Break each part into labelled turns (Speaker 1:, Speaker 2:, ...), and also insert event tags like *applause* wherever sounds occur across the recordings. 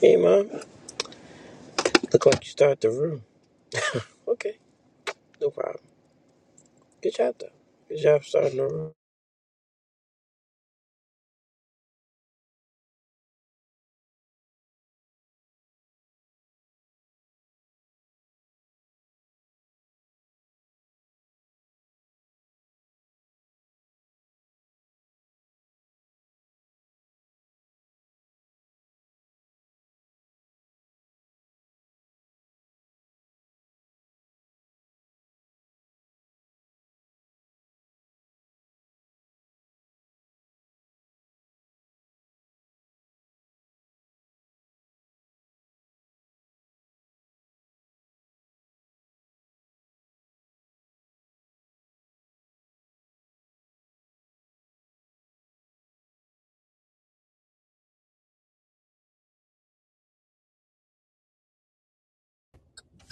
Speaker 1: Hey, Mom. Look like you start the room. Okay, no problem. Good job, though. Good job starting the room.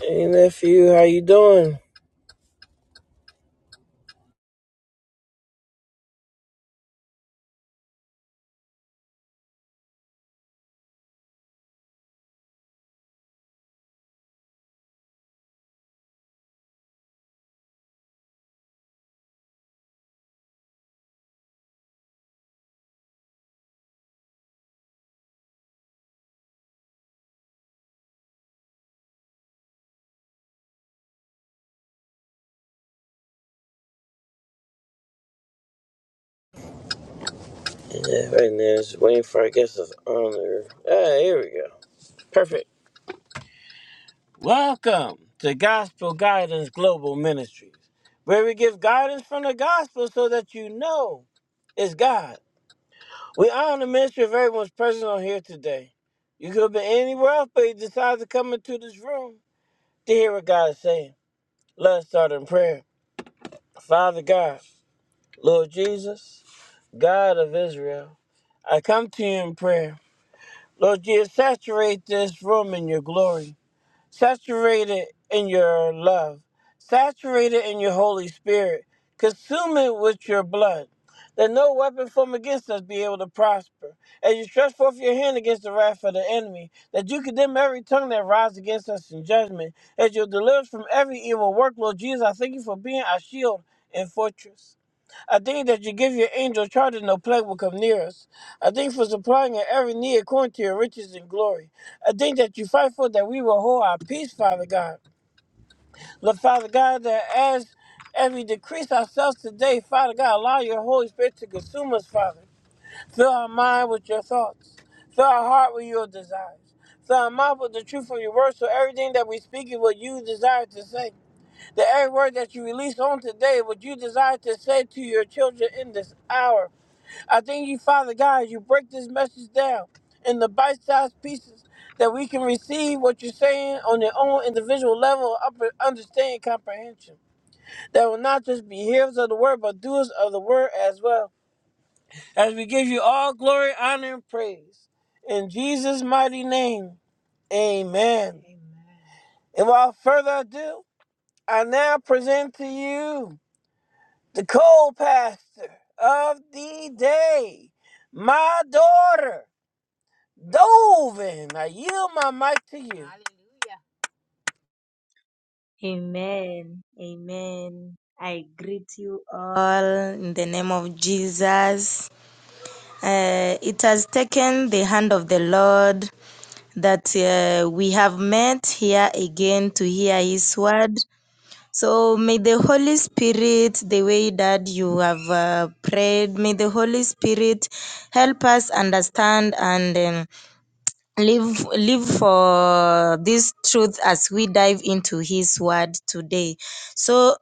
Speaker 1: Hey, nephew, how you doing? Yeah, right now, just waiting for, I guess, his honor. Ah, here we go. Perfect. Welcome to Gospel Guidance Global Ministries, where we give guidance from the gospel so that you know it's God. We honor the ministry of everyone's present on here today. You could have been anywhere else, but you decided to come into this room to hear what God is saying. Let's start in prayer. Father God, Lord Jesus, God of Israel, I come to you in prayer. Lord Jesus, saturate this room in your glory. Saturate it in your love. Saturate it in your Holy Spirit. Consume it with your blood. That no weapon formed against us be able to prosper. As you stretch forth your hand against the wrath of the enemy, that you condemn every tongue that rises against us in judgment. As you deliver us from every evil work, Lord Jesus, I thank you for being our shield and fortress. I think that you give your angel charge that no plague will come near us. I think for supplying in every need according to your riches and glory. I think that you fight for that we will hold our peace, Father God. Lord, Father God, that as as we decrease ourselves today, Father God, allow your Holy Spirit to consume us, Father. Fill our mind with your thoughts. Fill our heart with your desires. Fill our mouth with the truth of your word, so everything that we speak is what you desire to say. That every word that you release on today, what you desire to say to your children in this hour. I thank you, Father God, as you break this message down in the bite sized pieces that we can receive what you're saying on their own individual level of upper understanding comprehension. That will not just be hearers of the word, but doers of the word as well. As we give you all glory, honor, and praise. In Jesus' mighty name, amen. And without further ado, I now present to you the co pastor of the day, my daughter. Dovin, I yield my mic to you. Hallelujah,
Speaker 2: Amen. Amen. I greet you all in the name of Jesus. Uh, it has taken the hand of the Lord that uh, we have met here again to hear His word. So may the Holy Spirit, the way that you have uh, prayed, may the Holy Spirit help us understand and um, live live for this truth as we dive into His word today. So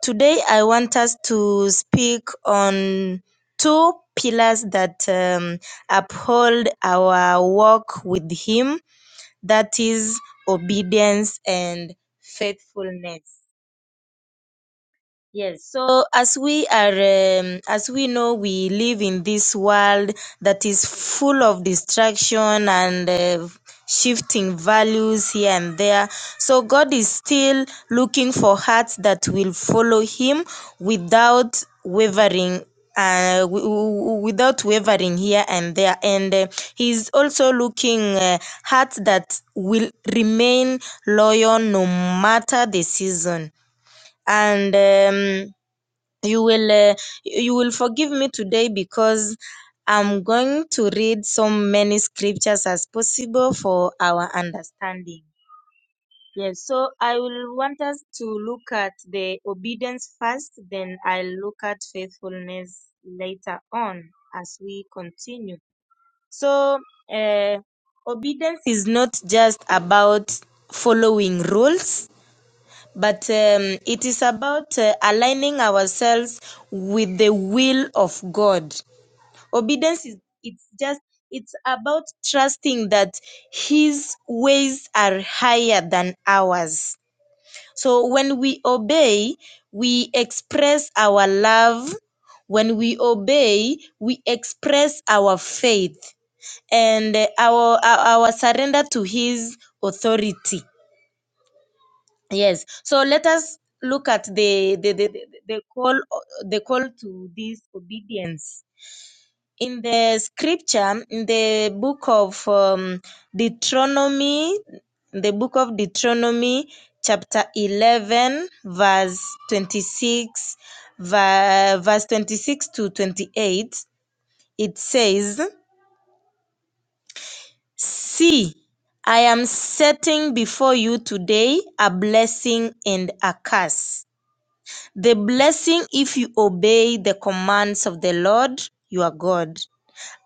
Speaker 2: Today, I want us to speak on two pillars that um, uphold our walk with Him that is, obedience and faithfulness. Yes, so as we are, um, as we know, we live in this world that is full of distraction and uh, shifting values here and there. So God is still looking for hearts that will follow Him without wavering. Uh, w- w- without wavering here and there, and uh, he's also looking uh, hearts that will remain loyal no matter the season. And um, you will uh, you will forgive me today because i'm going to read so many scriptures as possible for our understanding yes so i will want us to look at the obedience first then i'll look at faithfulness later on as we continue so uh, obedience is not just about following rules but um, it is about uh, aligning ourselves with the will of God. Obedience is it's just it's about trusting that his ways are higher than ours. So when we obey, we express our love. When we obey, we express our faith and uh, our, our our surrender to his authority Yes. So let us look at the the, the, the the call the call to this obedience. In the scripture, in the book of um, Deuteronomy, the book of Deuteronomy, chapter 11, verse 26, ver- verse 26 to 28, it says, See, I am setting before you today a blessing and a curse. The blessing if you obey the commands of the Lord your God,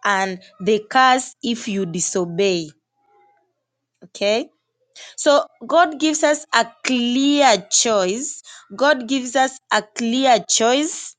Speaker 2: and the curse if you disobey. Okay, so God gives us a clear choice. God gives us a clear choice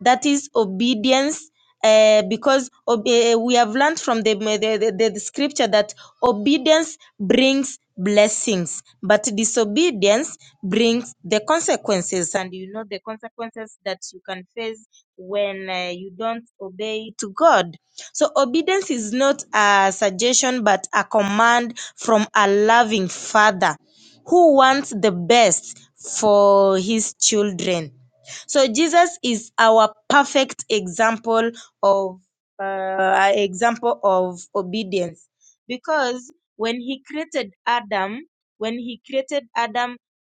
Speaker 2: that is obedience uh, because ob- eh, we have learned from the, the, the, the scripture that obedience brings blessings but disobedience brings the consequences and you know the consequences that you can face when uh, you don't obey to god so obedience is not a suggestion but a command from a loving father who wants the best for his children so Jesus is our perfect example of uh, example of obedience because when he created Adam, when he created Adam,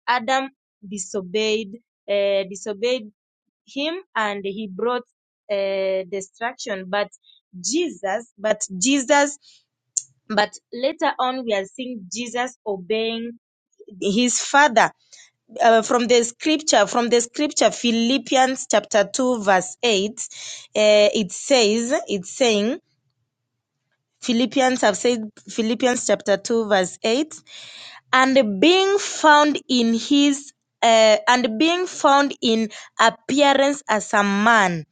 Speaker 2: Adam disobeyed uh, disobeyed him and he brought uh, destruction. But Jesus, but Jesus, but later on we are seeing Jesus obeying his father uh, from the scripture from the scripture philippians chapter 2 verse 8 uh, it says it's saying philippians have said philippians chapter 2 verse 8 and being found in his uh, and being found in appearance as a man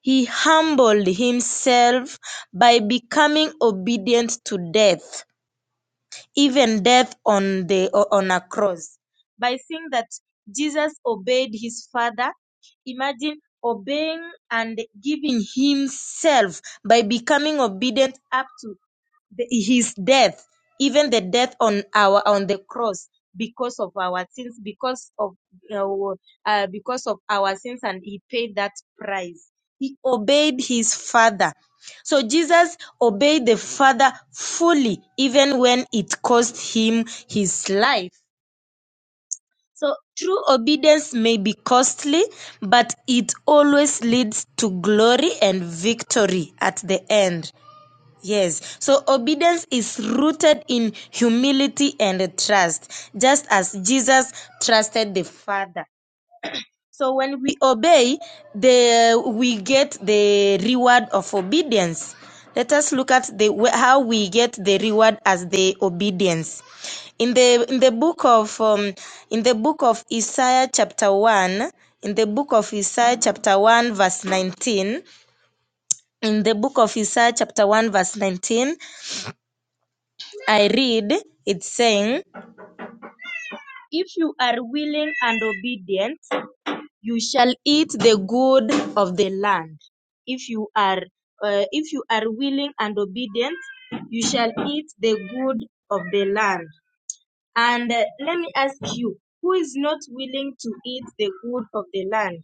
Speaker 2: he humbled himself by becoming obedient to death even death on the on a cross by seeing that jesus obeyed his father imagine obeying and giving himself by becoming obedient up to the, his death, even the death on our on the cross because of our sins, because of uh, uh, because of our sins, and he paid that price. He obeyed his father. So Jesus obeyed the father fully, even when it cost him his life. So true obedience may be costly, but it always leads to glory and victory at the end. Yes. So obedience is rooted in humility and trust, just as Jesus trusted the Father. So when we obey, the we get the reward of obedience. Let us look at the wh- how we get the reward as the obedience. In the in the book of um, in the book of Isaiah chapter 1, in the book of Isaiah chapter 1 verse 19, in the book of Isaiah chapter 1 verse 19, I read it saying, If you are willing and obedient, you shall eat the good of the land. If you are uh, if you are willing and obedient, you shall eat the good of the land. And uh, let me ask you, who is not willing to eat the good of the land?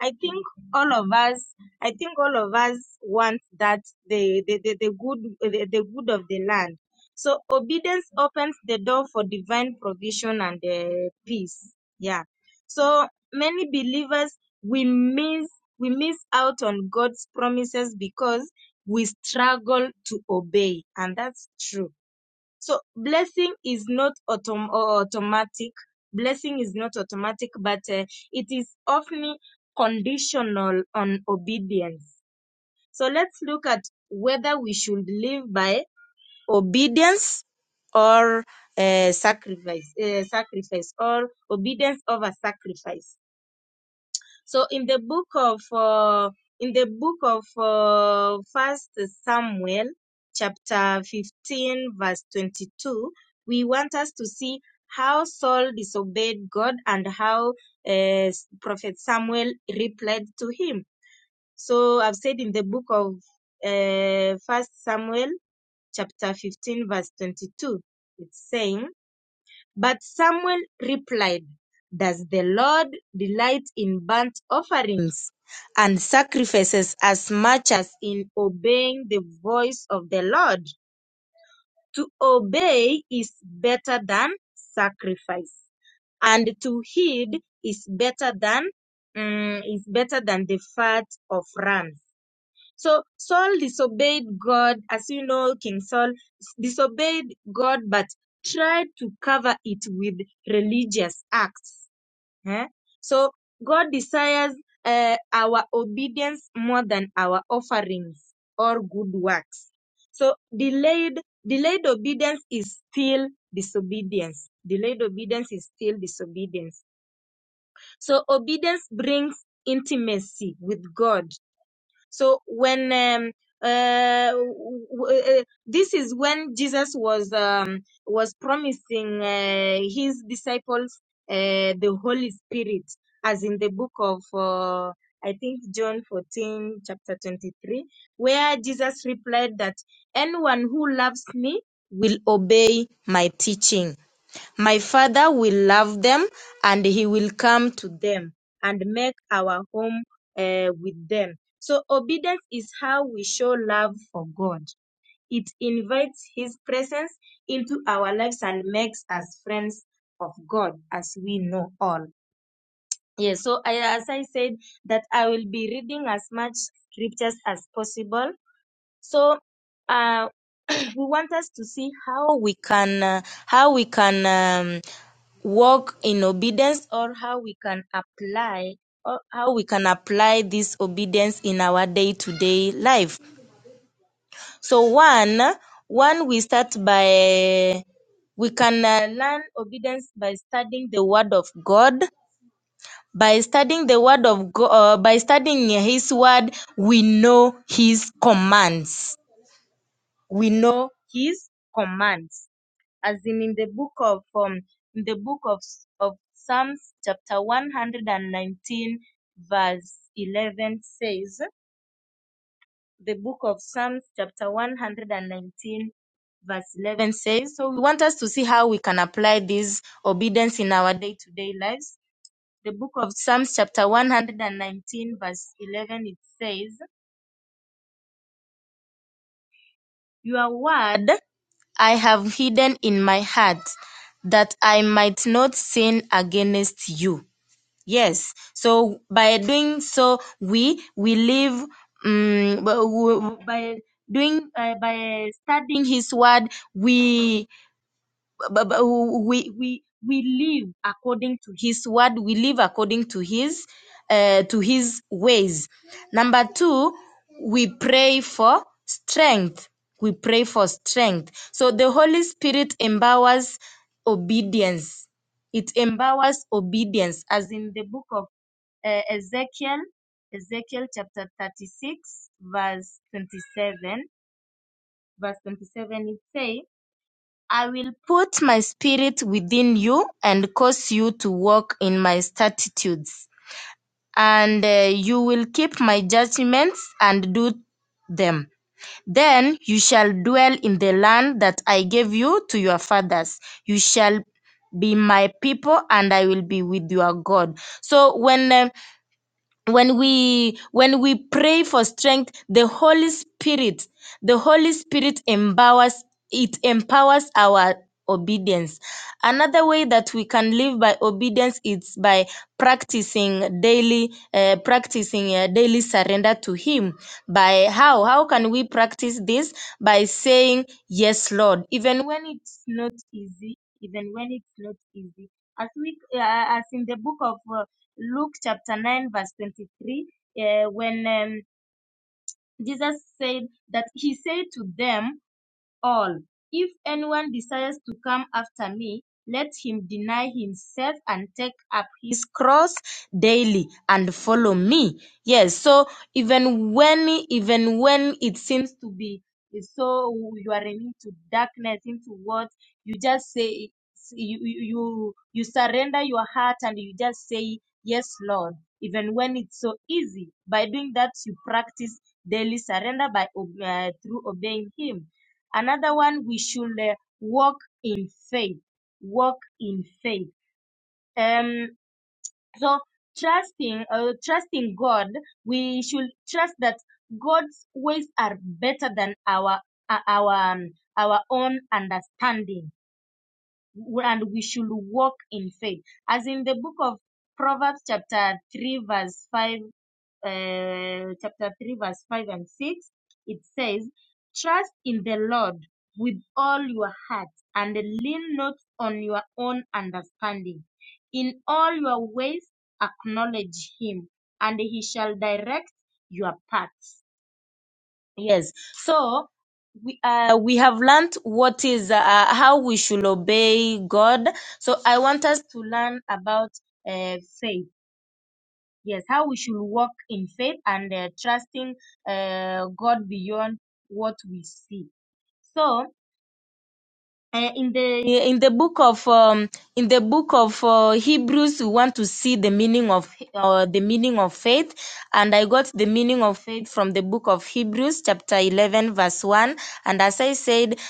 Speaker 2: I think all of us, I think all of us want that the the, the, the good the, the good of the land. So obedience opens the door for divine provision and uh, peace. Yeah. So many believers we miss we miss out on God's promises because we struggle to obey, and that's true. So blessing is not autom- uh, automatic. Blessing is not automatic, but uh, it is often conditional on obedience. So let's look at whether we should live by obedience or uh, sacrifice, uh, sacrifice or obedience over sacrifice. So in the book of uh, in the book of uh, First Samuel, chapter fifteen, verse twenty-two, we want us to see how Saul disobeyed God and how uh, Prophet Samuel replied to him. So I've said in the book of uh, First Samuel, chapter fifteen, verse twenty-two, it's saying but Samuel replied, Does the Lord delight in burnt offerings and sacrifices as much as in obeying the voice of the Lord? To obey is better than sacrifice, and to heed is better than mm, is better than the fat of rams. So Saul disobeyed God, as you know, King Saul s- disobeyed God, but tried to cover it with religious acts. eh? So God desires uh, our obedience more than our offerings or good works. So delayed delayed obedience is still disobedience. Delayed obedience is still disobedience. So obedience brings intimacy with God so when um, uh, w- w- uh, this is when Jesus was um, was promising uh, his disciples uh, the Holy Spirit, as in the book of uh, I think John 14 chapter 23, where Jesus replied that anyone who loves me will obey my teaching. My Father will love them, and He will come to them and make our home uh, with them. So, obedience is how we show love for God. It invites His presence into our lives and makes us friends of God, as we know all. Yes, so I, as I said, that I will be reading as much scriptures as possible. So, uh, *clears throat* we want us to see how we can uh, how we can um, walk in obedience or how we can apply or how we can apply this obedience in our day-to-day life so one one we start by we can uh, learn obedience by studying the word of god by studying the word of god uh, by studying his word we know his commands we know his commands as in in the book of um, in the book of of Psalms chapter 119 verse 11 says the book of Psalms chapter 119 verse 11 says so we want us to see how we can apply this obedience in our day-to-day lives the book of Psalms chapter 119 verse 11 it says your word I have hidden in my heart that I might not sin against you Yes. So by doing so, we we live um, by doing uh, by studying His Word. We but, but we we we live according to his word we live according to his uh, to his ways number 2 we pray for strength we pray for strength so the holy spirit empowers obedience it empowers obedience as in the book of uh, Ezekiel, Ezekiel chapter 36, verse 27. Verse 27, it says, I will put my spirit within you and cause you to walk in my statutes, and uh, you will keep my judgments and do them. Then you shall dwell in the land that I gave you to your fathers. You shall be my people, and I will be with your God. So when um, when we when we pray for strength the holy spirit the holy spirit empowers it empowers our obedience another way that we can live by obedience is by practicing daily uh, practicing uh, daily surrender to him by how how can we practice this by saying yes lord even when it's not easy even when it's not easy as we uh, as in the book of uh, Luke chapter 9, verse 23, uh, when um, Jesus said that he said to them, all. If anyone desires to come after me, let him deny himself and take up his cross daily and follow me. Yes, so even when even when it seems to be so you are into darkness, into what you just say you you you surrender your heart and you just say yes, Lord. Even when it's so easy, by doing that you practice daily surrender by uh, through obeying Him Another one, we should uh, walk faith, walk in faith. Um, so trusting, uh, trusting God, we should trust that God's ways are better than our uh, our um, our own understanding, and we should walk in faith, as in the book of Proverbs chapter three verse five uh, chapter 3, verse 5 and 6, it says, Trust in the Lord with all your heart and lean not on your own understanding. In all your ways, acknowledge Him, and He shall direct your paths. Yes. So, we, uh, we have learned what is uh, how we should obey God. So I want us to learn about uh, faith. Yes, how we should walk in faith and uh, trusting uh, God beyond what we see. So, uh, in the in the book of um, in the book of uh, Hebrews, we want to see the meaning of uh, the meaning of faith, and I got the meaning of faith from the book of Hebrews, chapter eleven, verse one. And as I said,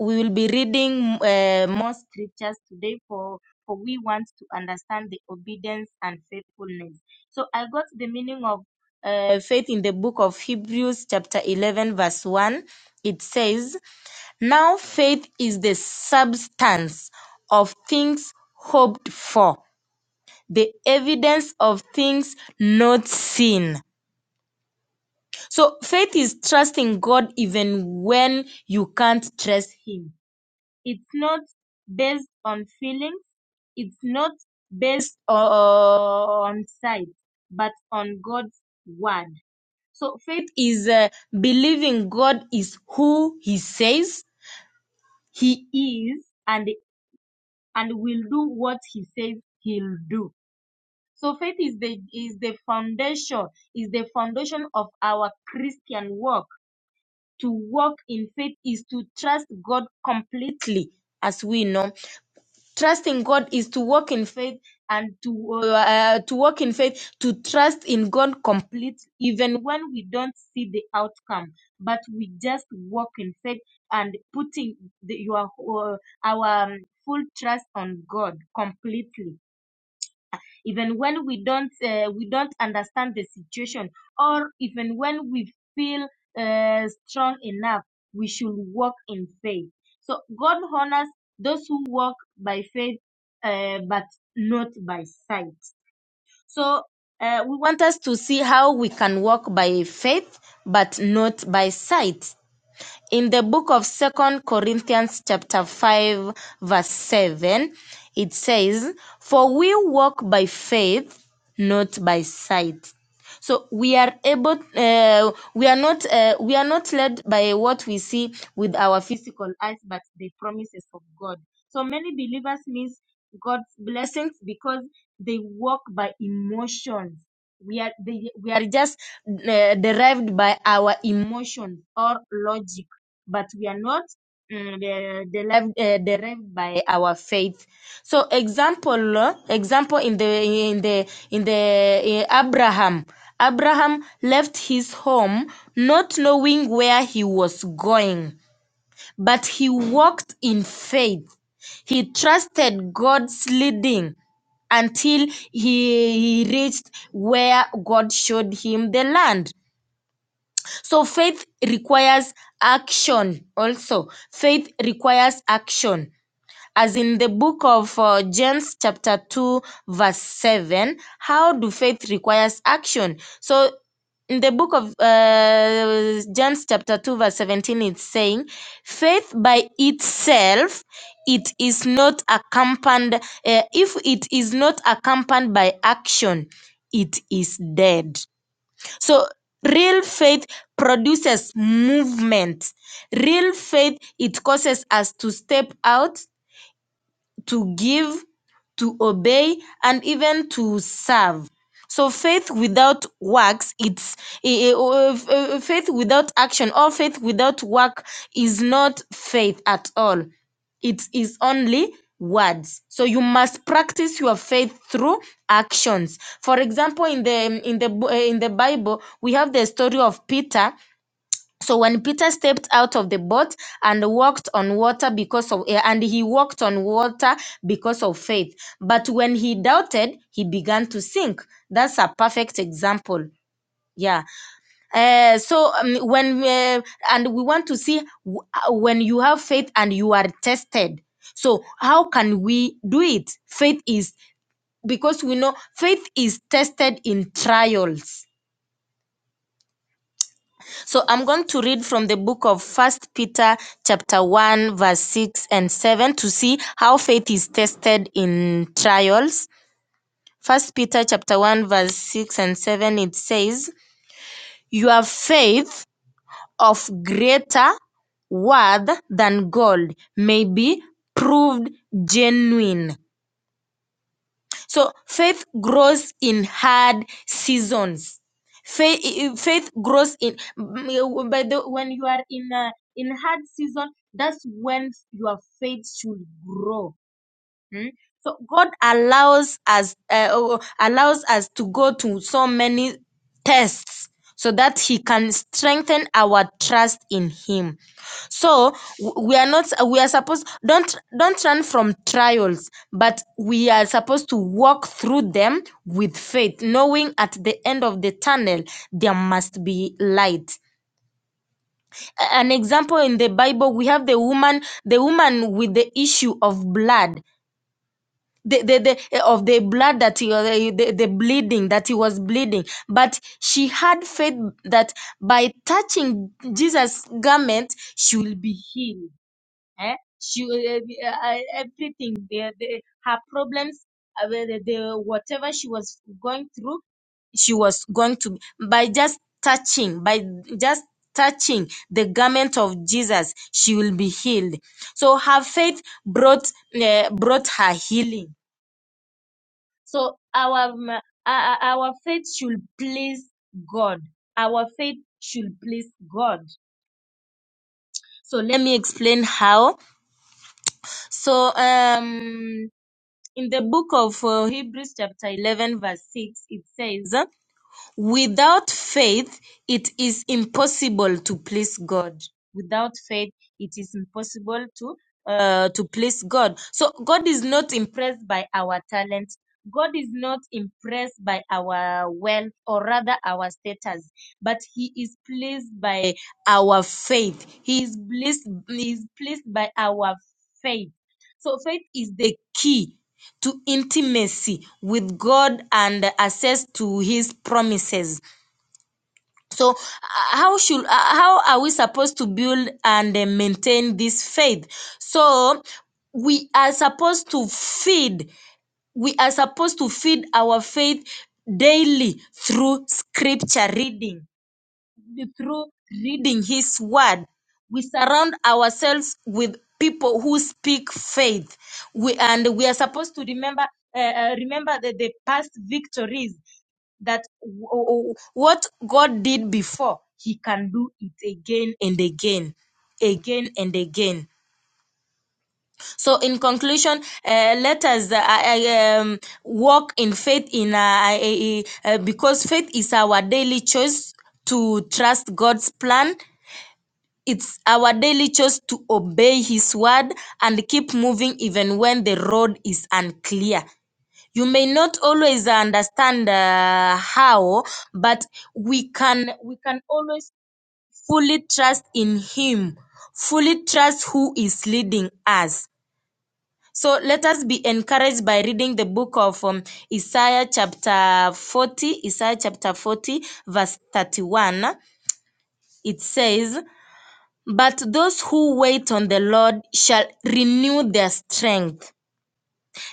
Speaker 2: we will be reading uh, more scriptures today for for we want to understand the obedience and faithfulness. So I got the meaning of uh, faith in the book of Hebrews, chapter eleven, verse one. It says. Now faith is the substance of things hoped for, the evidence of things not seen. So faith is trusting God even when you can't trust Him. It's not based on feelings, it's not based on sight, but on God's word. So faith is uh, believing God is who He says He is and and will do what he says he'll do. So faith is the is the foundation, is the foundation of our Christian walk. To walk in faith is to trust God completely, as we know. Trusting God is to walk in faith and to uh, uh, to walk in faith, to trust in God completely, even when we don't see the outcome, but we just walk in faith and putting the, your uh, our um, full trust on God completely even when we don't uh, we don't understand the situation or even when we feel uh, strong enough we should walk in faith so god honors those who walk by faith uh, but not by sight so uh, we want us to see how we can walk by faith but not by sight in the book of Second Corinthians chapter five verse seven it says, For we walk by faith, not by sight. So we are able, uh, we are not, uh, we are not led by what we see with our physical eyes, but the promises of God. So many believers miss God's blessings because they walk by emotions we are they, we are just uh, derived by our emotions or logic, but we are not mm, de- derived uh, derived by our faith. So example uh, example in the in the in the uh, Abraham Abraham left his home not knowing where he was going but he walked in faith. He trusted God's leading until he, he reached where God showed him the land. So faith requires action also. Faith requires action as in the book of uh, James, chapter 2, verse 7, how do faith requires action? So, in the book of uh, James, chapter 2, verse 17, it's saying, faith by itself, it is not accompanied, uh, if it is not accompanied by action, it is dead. So, real faith produces movement. Real faith, it causes us to step out to give, to obey, and even to serve. So faith without works, it's eh, eh, oh, eh, eh, eh, faith without action or faith without work is not faith at all. It is only words. So you must practice your faith through actions. For example, in the in the Bo- eh, in the Bible, we have the story of Peter so when Peter stepped out of the boat and walked on water because of eh, and he walked on water because of faith. But when he doubted, he began to sink. That's a perfect example. Yeah. Eh, so um, when eh, and we want to see w- uh, when you have faith and you are tested. So how can we do it? Faith is because we know faith is tested in trials So I'm going to read from the book of First Peter chapter 1 verse 6 and 7 to see how faith is tested in trials. First Peter chapter 1 verse 6 and 7 it says, "Your faith of greater worth than gold may be proved genuine So faith grows in hard seasons. Faith, faith grows in by the when you are in a in hard season. That's when your faith should grow Mm. So God allows us uh, oh, oh, allows us to go to so many tests so that he can strengthen our trust in him. So w- we are not we are supposed don't don't run from trials, but we are supposed to walk through them with faith, knowing at the end of the tunnel there must be light. A- An example in the Bible we have the woman the woman with the issue of blood the, the, the of the blood that he was- the, the bleeding that he was bleeding but she had faith that by touching jesus garment she will be healed eh? she will, uh, be- uh, uh, everything the, the, her problems uh, the, the whatever she was going through she was going to by just touching by just touching the garment of jesus she will be healed so her faith brought uh, brought her healing so our um, uh, uh, our faith should please God. Our faith should please God. So let me explain how. So um in the book of uh, Hebrews chapter 11 verse 6 it says Without faith, it is impossible to please God. Without faith, it is impossible to uh, to please God. So God is not impressed by our talent. God is not impressed by our wealth or rather our status, but He is pleased by our faith. He is pleased. He is pleased by our faith. So faith is the key to intimacy with God and access to his promises. So, uh, how should uh, how are we supposed to build and uh, maintain this faith? So, we are supposed to feed we are supposed to feed our faith daily through scripture reading through reading His Word. We surround ourselves with people who speak faith. We, and we are supposed to remember uh, uh, remember the, the past victories that w- w- what God did before, He can do it again and again, again and again. So, in conclusion, uh, let us uh, I- I, um, walk in faith in uh, I- I- I- uh, because faith is our daily choice to trust God's plan it's our daily choice to obey His word and keep moving even when the road is unclear. You may not always understand uh, how, but we can we can always fully trust in Him, fully trust who is leading us. So let us be encouraged by reading the book of um, Isaiah chapter 40, Isaiah chapter 40, verse 31. It says, But those who wait on the Lord shall renew their strength.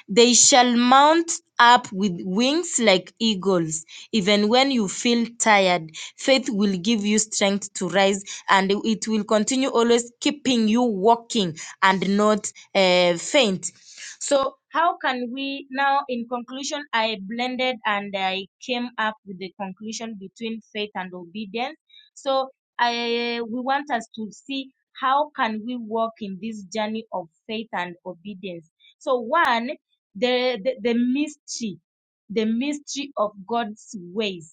Speaker 2: They shall mount up with wings like eagles. Even when you feel tired, faith will give you strength to rise and it will continue always keeping you walking and not uh, faint. So, how can we now, in conclusion, I blended and I came up with the conclusion between faith and obedience. So, I we want us to see how can we walk in this journey of faith and obedience. So, one the, the, the mystery, the mystery of God's ways,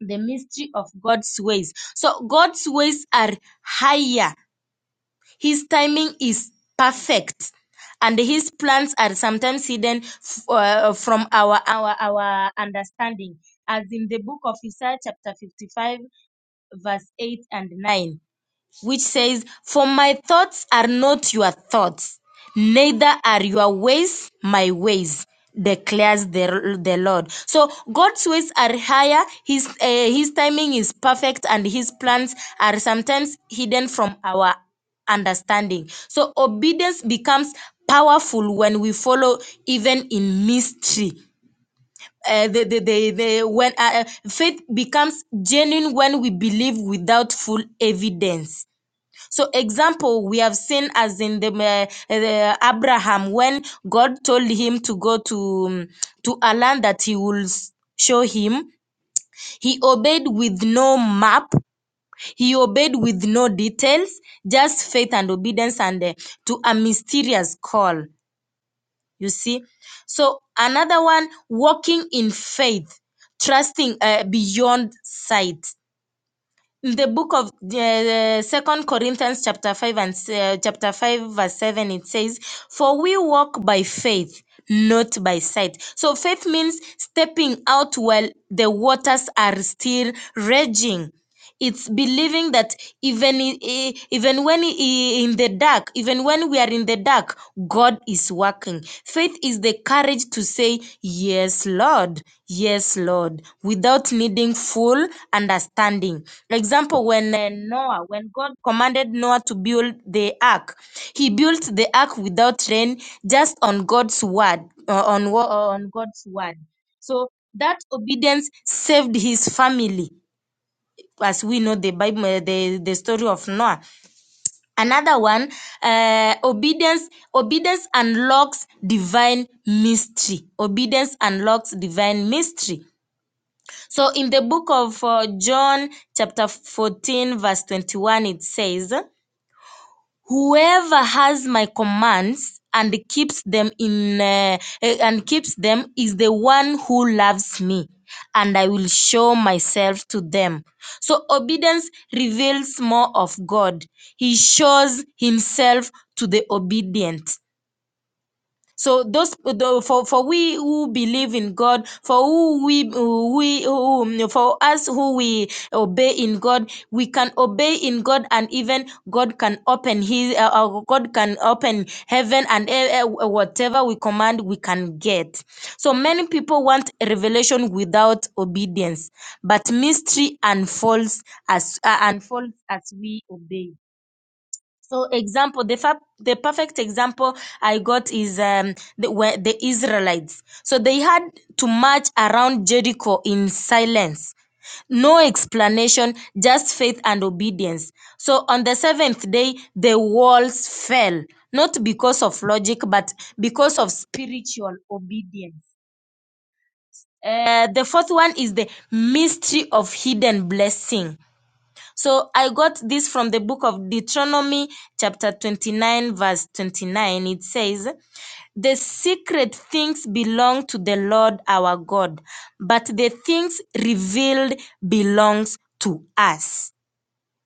Speaker 2: the mystery of God's ways. So God's ways are higher. His timing is perfect. And his plans are sometimes hidden f- uh, from our, our our understanding, as in the book of Isaiah chapter 55, verse 8 and 9 which says, For my thoughts are not your thoughts, neither are your ways my ways, declares the, the Lord. So God's ways are higher, his, uh, his timing is perfect, and his plans are sometimes hidden from our understanding. So obedience becomes powerful when we follow even in mystery. Uh, the, the, the, the, when uh, uh, faith becomes genuine when we believe without full evidence so example we have seen as in the uh, uh, Abraham when God told him to go to um, to a land that he will s- show him he obeyed with no map he obeyed with no details just faith and obedience and uh, to a mysterious call you see so another one walking in faith trusting uh, beyond sight the book of the second corinthians chapter 5 and uh, chapter 5 verse 7 it says for we walk by faith not by sight so faith means stepping out while the waters are still raging it's believing that even i- i- even when i- in the dark even when we are in the dark god is working faith is the courage to say yes lord yes lord without needing full understanding example when uh, noah when god commanded noah to build the ark he built the ark without rain just on god's word uh, on wo- uh, on god's word so that obedience saved his family as we know the Bible, eh, the, the story of Noah. Another one, uh, obedience, obedience unlocks divine mystery. Obedience unlocks divine mystery. So in the book of uh, John, chapter 14, verse 21, it says, whoever has my commands and keeps them in uh, eh, and keeps them is the one who loves me and i will show myself to them so obedience reveals more of god he shows himself to the obedient so those the, for for we who believe in God, for who we who we who, for us who we obey in God, we can obey in God, and even God can open His uh, uh, God can open heaven and eh, eh, whatever we command, we can get. So many people want revelation without obedience, but mystery unfolds as uh, unfolds as we obey. So example, the fa- the perfect example I got is um the where the Israelites. So they had to march around Jericho in silence. No explanation, just faith and obedience. So on the seventh day, the walls fell, not because of logic, but because of spiritual obedience. Uh, the fourth one is the mystery of hidden blessing. So I got this from the book of Deuteronomy, chapter 29, verse 29. It says, The secret things belong to the Lord our God, but the things revealed belongs to us.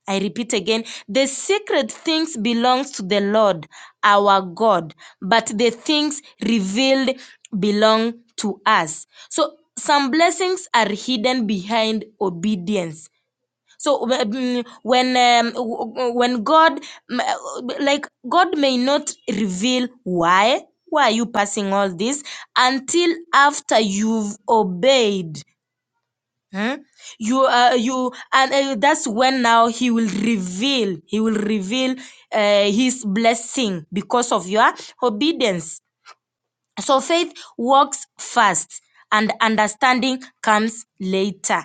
Speaker 2: I repeat again, the secret things belongs to the Lord our God, but the things revealed belong to us. So some blessings are hidden behind obedience so wh- mm, when um, w- w- when god mm, uh, like god may not reveal why why are you passing all this until after you've obeyed Hmm? you uh, you and uh, that's when now he will reveal he will reveal uh, his blessing because of your obedience so faith works first and understanding comes later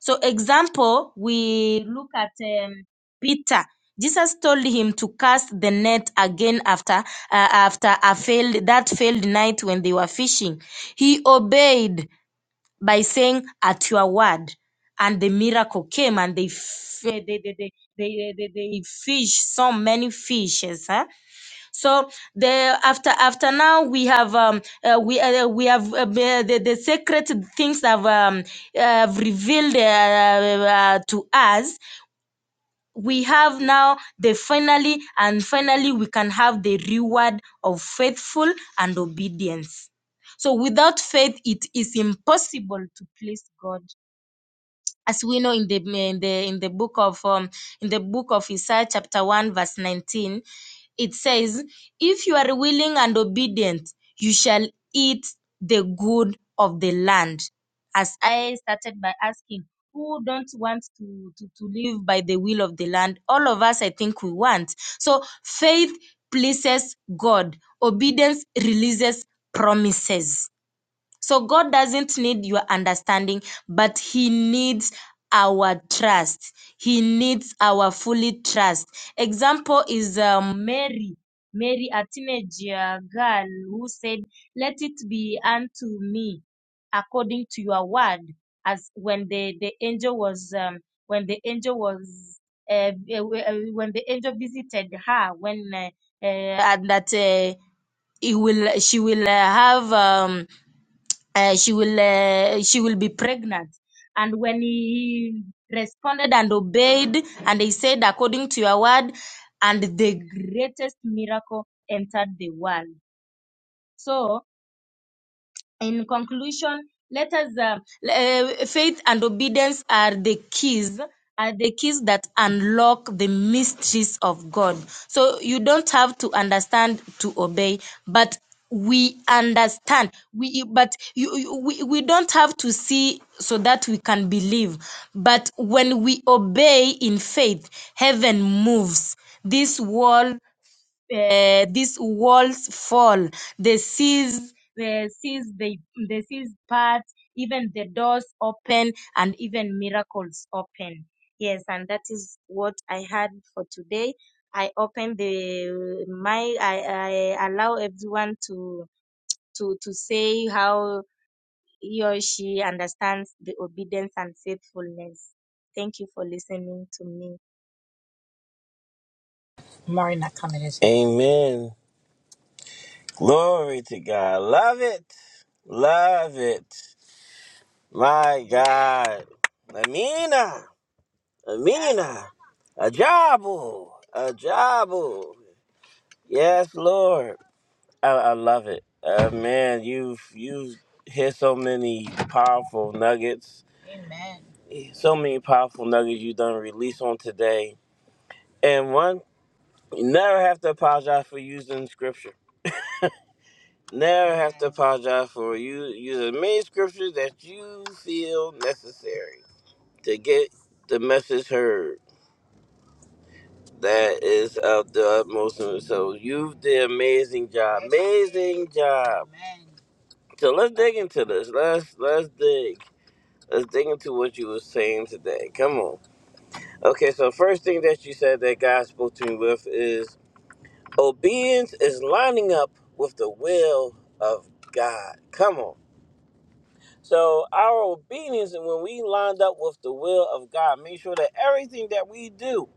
Speaker 2: so, example, we look at um, Peter. Jesus told him to cast the net again after uh, after a failed that failed night when they were fishing. He obeyed by saying, "At your word," and the miracle came, and they f- they, they, they, they, they, they, they fish so many fishes. huh? so the after after now we have um uh, we uh, we have uh, the, the the secret things have um uh, revealed uh, uh, to us. We have now the finally and finally we can have the reward of faithful and obedience. So without faith, it is impossible to please God as we know in the in the in the book of um, in the book of Isaiah chapter 1 verse 19 it says if you are willing and obedient you shall eat the good of the land as I started by asking who don't want to, to to live by the will of the land all of us I think we want so faith pleases God obedience releases promises so God doesn't need your understanding, but He needs our trust. He needs our fully trust. Example is um, Mary. Mary, a teenage uh, girl who said, Let it be unto me according to your word. As when the, the angel was, um, when the angel was, uh, uh, when the angel visited her, when, uh, uh, and that uh, he will she will uh, have um, uh, she will uh, she will be pregnant and when he responded and obeyed and he said according to your word and the greatest miracle entered the world so in conclusion, let us uh, uh, faith and obedience are the keys are the keys that unlock the mysteries of God. So you don't have to understand to obey, but we understand. We but you, you- we, we don't have to see so that we can believe. But when we obey in faith, heaven moves. This world uh, these walls fall. The seas, the seas, they, the seas part. Even the doors open, and even miracles open. Yes, and that is what I had for today. I open the my. I, I allow everyone to to to say how he or she understands the obedience and faithfulness. Thank you for listening to me.
Speaker 1: Amen. Glory to God. Love it. Love it. My God. Amina. Yes. Amina. Ajabu. Ajabu. Yes, Lord. I, I love it. Uh, man, you've you've hit so many powerful nuggets. So many powerful nuggets you done release on today. and one. You never have to apologize for using scripture. Never have to apologize for you using many scriptures that you feel necessary to get the message heard. That is of the utmost. So you've did amazing job. Amazing job. So let's dig into this. Let's let's dig. Let's dig into what you were saying today. Come on. Okay, so first thing that you said that God spoke to me with is Obedience is lining up with the will of God. Come on. So our obedience, and when we lined up with the will of God, make sure that everything that we do,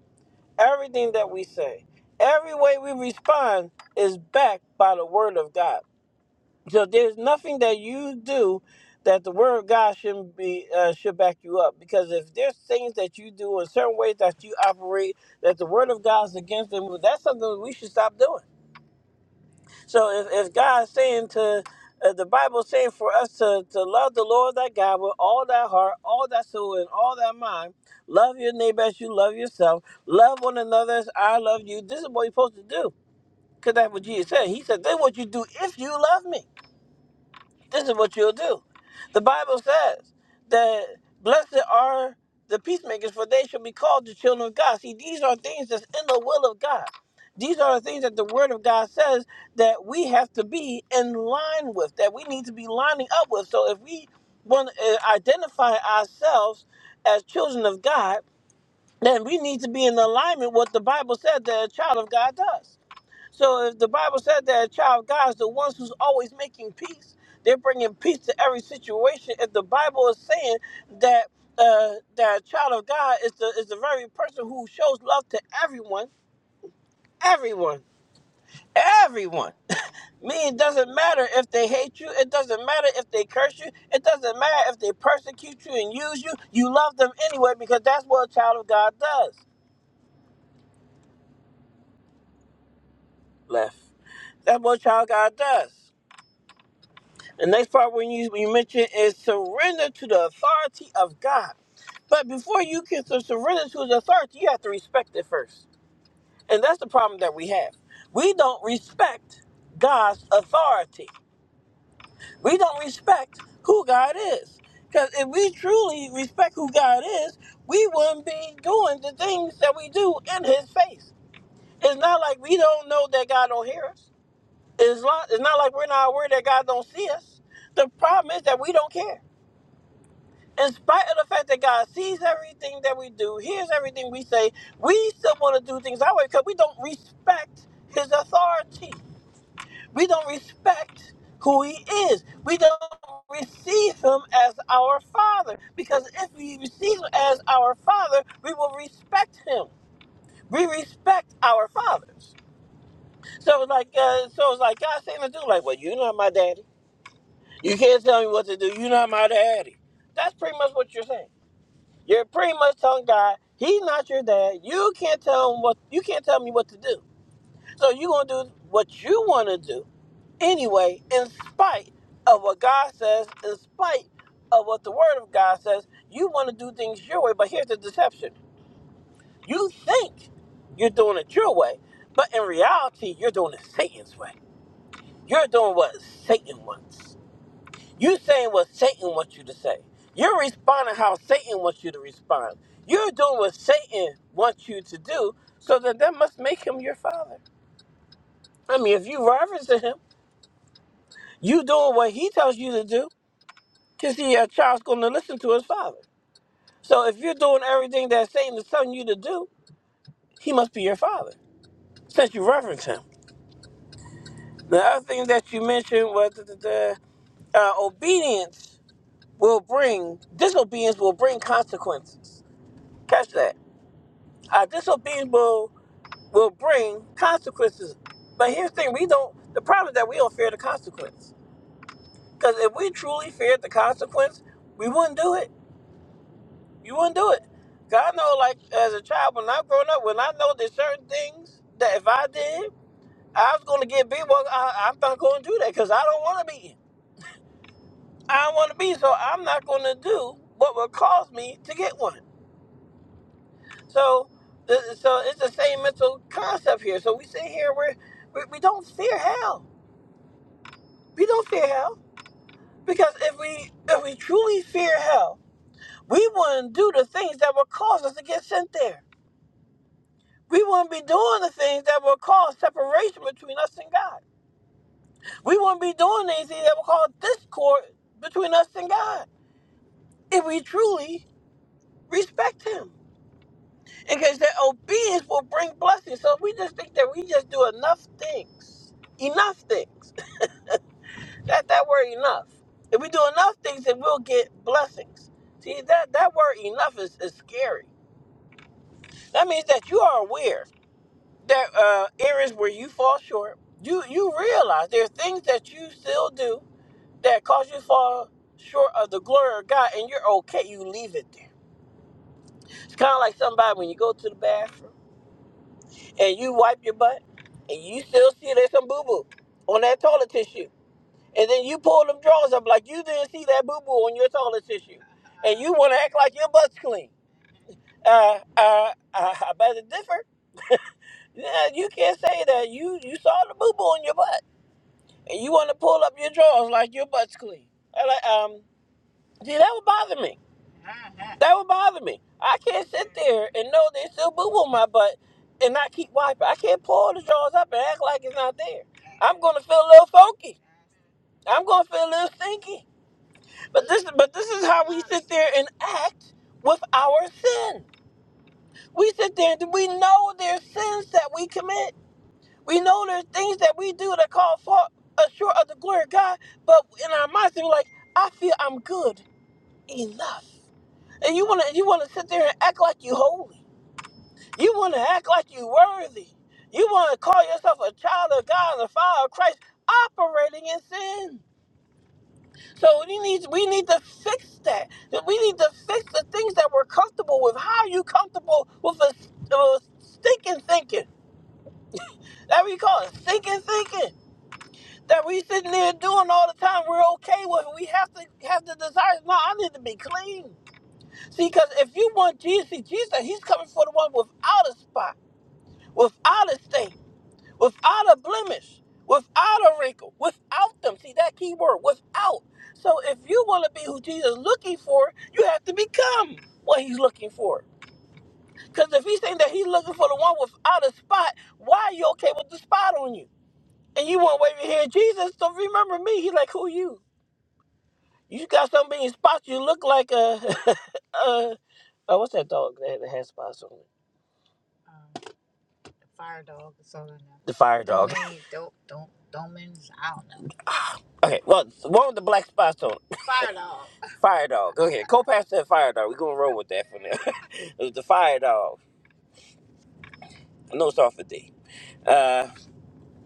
Speaker 1: everything that we say, every way we respond is backed by the word of God. So there's nothing that you do that the word of God shouldn't be uh, should back you up because if there's things that you do in certain ways that you operate that the word of God is against them, well, that's something we should stop doing So if, if God's saying to uh, the Bible's saying for us to, to love the Lord thy God with all thy heart, all thy soul, and all thy mind, love your neighbor as you love yourself, love one another as I love you. This is what you're supposed to do. Because that's what Jesus said. He said, "This is what you do if you love me. This is what you'll do. The Bible says that blessed are the peacemakers, for they shall be called the children of God. See, these are things that's in the will of God. These are the things that the Word of God says that we have to be in line with, that we need to be lining up with. So if we want to uh, identify ourselves as children of God, then we need to be in alignment with what the Bible said that a child of God does. So if the Bible said that a child of God is the ones who's always making peace, they're bringing peace to every situation. If the Bible is saying that uh, that a child of God is the is the very person who shows love to everyone, everyone, everyone. *laughs* Meaning, it doesn't matter if they hate you. It doesn't matter if they curse you. It doesn't matter if they persecute you and use you. You love them anyway because that's what a child of God does. Left. That's what a child of God does. The next part when you you mention is surrender to the authority of God. But before you can sur- surrender to his authority, you have to respect it first. And that's the problem that we have. We don't respect God's authority. We don't respect who God is. Because if we truly respect who God is, we wouldn't be doing the things that we do in his face. It's not like we don't know that God don't hear us. It's not, it's not like we're not aware that God don't see us. The problem is that we don't care. in spite of the fact that God sees everything that we do, hears everything we say, we still want to do things our way because we don't respect His authority. We don't respect who He is. We don't receive Him as our Father because if we receive Him as our Father, we will respect Him. We respect our fathers. So it's like, uh, so it's like God saying to do, like, well, you're not my daddy. You can't tell me what to do. You're not my daddy. That's pretty much what you're saying. You're pretty much telling God He's not your dad. You can't tell him what you can't tell me what to do. So you're gonna do what you want to do anyway, in spite of what God says, in spite of what the Word of God says. You want to do things your way, but here's the deception: you think you're doing it your way, but in reality, you're doing it Satan's way. You're doing what Satan wants. You saying what Satan wants you to say. You're responding how Satan wants you to respond. You're doing what Satan wants you to do, so that that must make him your father. I mean, if you reverence him, you doing what he tells you to do, because he a child's going to listen to his father. So if you're doing everything that Satan is telling you to do, he must be your father, since you reverence him. The other thing that you mentioned was the, the uh, obedience will bring disobedience will bring consequences. Catch that. Uh, disobedience will will bring consequences. But here's the thing: we don't. The problem is that we don't fear the consequence. Because if we truly feared the consequence, we wouldn't do it. You wouldn't do it. God know, like as a child, when I growing up, when I know there's certain things that if I did, I was going to get beat. Well, I, I'm not going to do that because I don't want to be. I don't want to be. So I'm not going to do what would cause me to get one. So, the, so it's the same mental concept here. So we sit here, we're, we we don't fear hell. We don't fear hell because if we if we truly fear hell, we wouldn't do the things that would cause us to get sent there. We wouldn't be doing the things that would cause separation between us and God. We wouldn't be doing anything that would cause discord between us and God if we truly respect Him. Because that obedience will bring blessings. So if we just think that we just do enough things, enough things. That that word enough. If we do enough things, then we'll get blessings. See that that word enough is, is scary. That means that you are aware that uh, areas where you fall short. You you realize there are things that you still do that cause you to fall short of the glory of God, and you're okay. You leave it there. It's kind of like somebody when you go to the bathroom and you wipe your butt, and you still see there's some boo boo on that toilet tissue And then you pull them drawers up like you didn't see that boo boo on your toilet tissue. And you want to act like your butt's clean. Uh, uh, uh, I better differ. Yeah, you can't say that. You you saw the boo boo on your butt. And you want to pull up your drawers like your butt's clean. I like, um, see, that would bother me. That would bother me. I can't sit there and know there's still boo boo on my butt and not keep wiping. I can't pull the drawers up and act like it's not there. I'm going to feel a little funky. I'm going to feel a little stinky. But this, but this is how we sit there and act with our sin. We sit there and we know there's sins that we commit. We know there's things that we do that call for a short of the glory of God. But in our minds, we're like, I feel I'm good enough. And you wanna, you wanna sit there and act like you holy. You wanna act like you worthy. You wanna call yourself a child of God, a follower of Christ, operating in sin. So we need we need to fix that. We need to fix the things that we're comfortable with. How are you comfortable with a, a stinking thinking? That we call it stinking thinking. That we sitting there doing all the time. We're okay with. it. We have to have the desire. No, I need to be clean. See, because if you want Jesus, see, Jesus, he's coming for the one without a spot, without a stain. without a blemish, without a wrinkle, without them. See that key word, without. So if you want to be who Jesus is looking for, you have to become what he's looking for. Because if he's saying that he's looking for the one without a spot, why are you okay with the spot on you? And you want to wave your hand, Jesus, so remember me. He's like, who you? You got so many spots, you look like a, *laughs* uh, oh, what's that dog that that has spots on it? The fire dog. not not Okay, well, the one with the black spots on. it. Fire dog. Go ahead. Co pastor and fire dog. We're gonna roll with that for now. *laughs* It's the fire dog. No start for D. Uh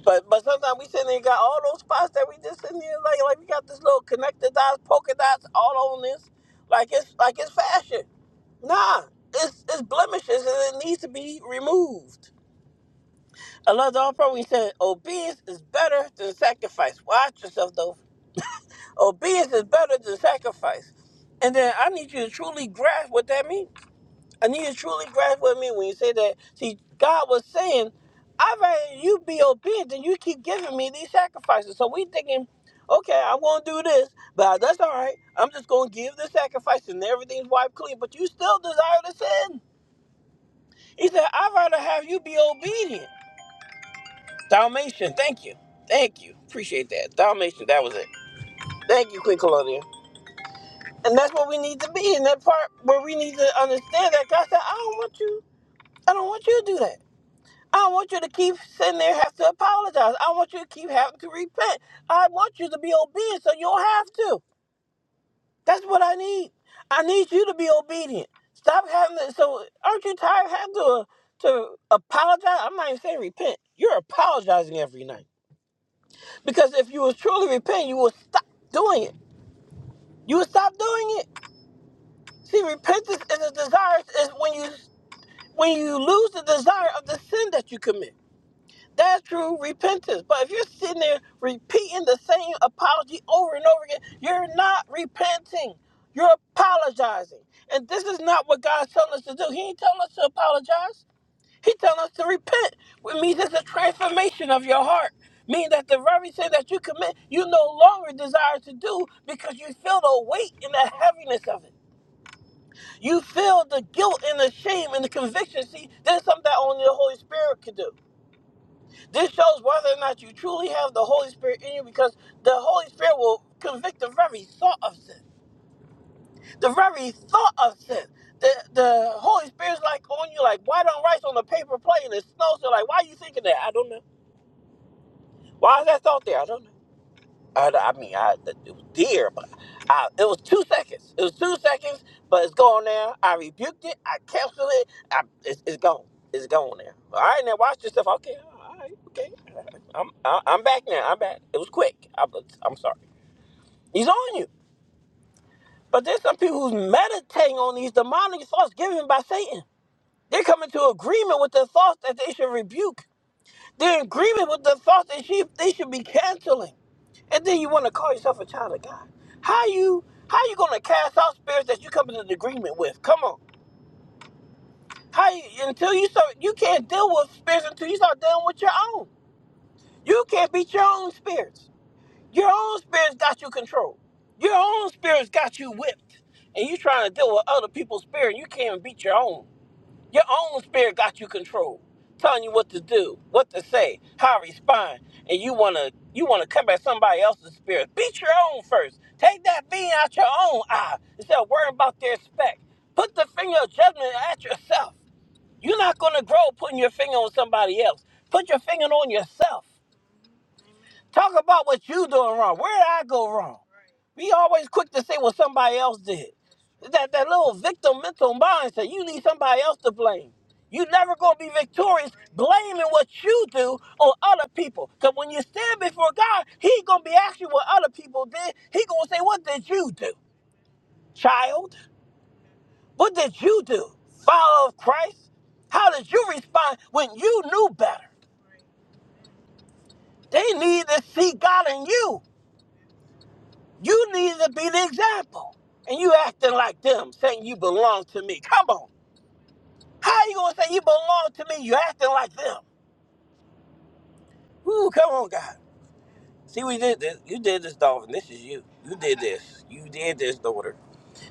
Speaker 1: but but sometimes we sitting there and got all those spots that we just sitting here like like we got this little connected dots, polka dots all on this. Like it's like it's fashion. Nah. It's it's blemishes and it needs to be removed. I love the all we said obedience is better than sacrifice. Watch yourself though. Obedience is better than sacrifice. And then I need you to truly grasp what that means. I need you to truly grasp what I mean when you say that. See, God was saying, I'd rather you be obedient than you keep giving me these sacrifices. So we thinking, okay, I won't do this, but that's all right. I'm just going to give the sacrifice and everything's wiped clean. But you still desire to sin. He said, I'd rather have you be obedient. Dalmatian, thank you. Thank you. Appreciate that. Dalmatian, that was it. Thank you, Queen Colonia. And that's what we need to be in that part where we need to understand that God said, I don't want you. I don't want you to do that. I don't want you to keep sitting there have to apologize. I want you to keep having to repent. I want you to be obedient so you don't have to. That's what I need. I need you to be obedient. Stop having to. So aren't you tired of having to to apologize? I'm not even saying repent. You're apologizing every night because if you was truly repent, you would stop doing it. You would stop doing it. See, repentance is a desire is when you when you lose the desire of the sin that you commit. That's true repentance. But if you're sitting there repeating the same apology over and over again, you're not repenting. You're apologizing. And this is not what God's telling us to do. He ain't telling us to apologize. He telling us to repent, which means it's a transformation of your heart. Meaning that the very sin that you commit, you no longer desire to do because you feel the weight and the heaviness of it. You feel the guilt and the shame and the conviction. See, there's something that only the Holy Spirit could do. This shows whether or not you truly have the Holy Spirit in you because the Holy Spirit will convict the very thought of sin. The very thought of sin. The, the Holy Spirit's like on you, like white on rice on a paper plate and it snows. So like, why are you thinking that? I don't know. Why is that thought there? I don't know. I, I mean, I it was deer, but I, it was two seconds. It was two seconds, but it's gone now. I rebuked it. I canceled it. I, it's, it's gone. It's gone now. All right, now watch yourself. Okay, all right, okay. I'm I, I'm back now. I'm back. It was quick. I'm, I'm sorry. He's on you. But there's some people who's meditating on these demonic thoughts given by Satan. They're coming to agreement with the thoughts that they should rebuke they're in agreement with the thought that she, they should be canceling. And then you want to call yourself a child of God. How you how you gonna cast out spirits that you come into agreement with? Come on. How you, until you start you can't deal with spirits until you start dealing with your own. You can't beat your own spirits. Your own spirits got you controlled. Your own spirits got you whipped. And you trying to deal with other people's spirit, you can't even beat your own. Your own spirit got you controlled, telling you what to do, what to say, how to respond, and you wanna you wanna come combat somebody else's spirit. Beat your own first. Take that being out your own eye instead of worrying about their speck. Put the finger of judgment at yourself. You're not gonna grow putting your finger on somebody else. Put your finger on yourself. Talk about what you doing wrong. Where did I go wrong? We always quick to say what somebody else did. That that little victim mental mindset. You need somebody else to blame. You never gonna be victorious blaming what you do on other people. Cause when you stand before God, He gonna be asking what other people did. He gonna say, "What did you do, child? What did you do, follower of Christ? How did you respond when you knew better?" They need to see God in you. You needed to be the example. And you acting like them, saying you belong to me. Come on. How you gonna say you belong to me? You acting like them. Ooh, come on, God. See, we did this. You did this, Dolphin. This is you. You did this. You did this, daughter.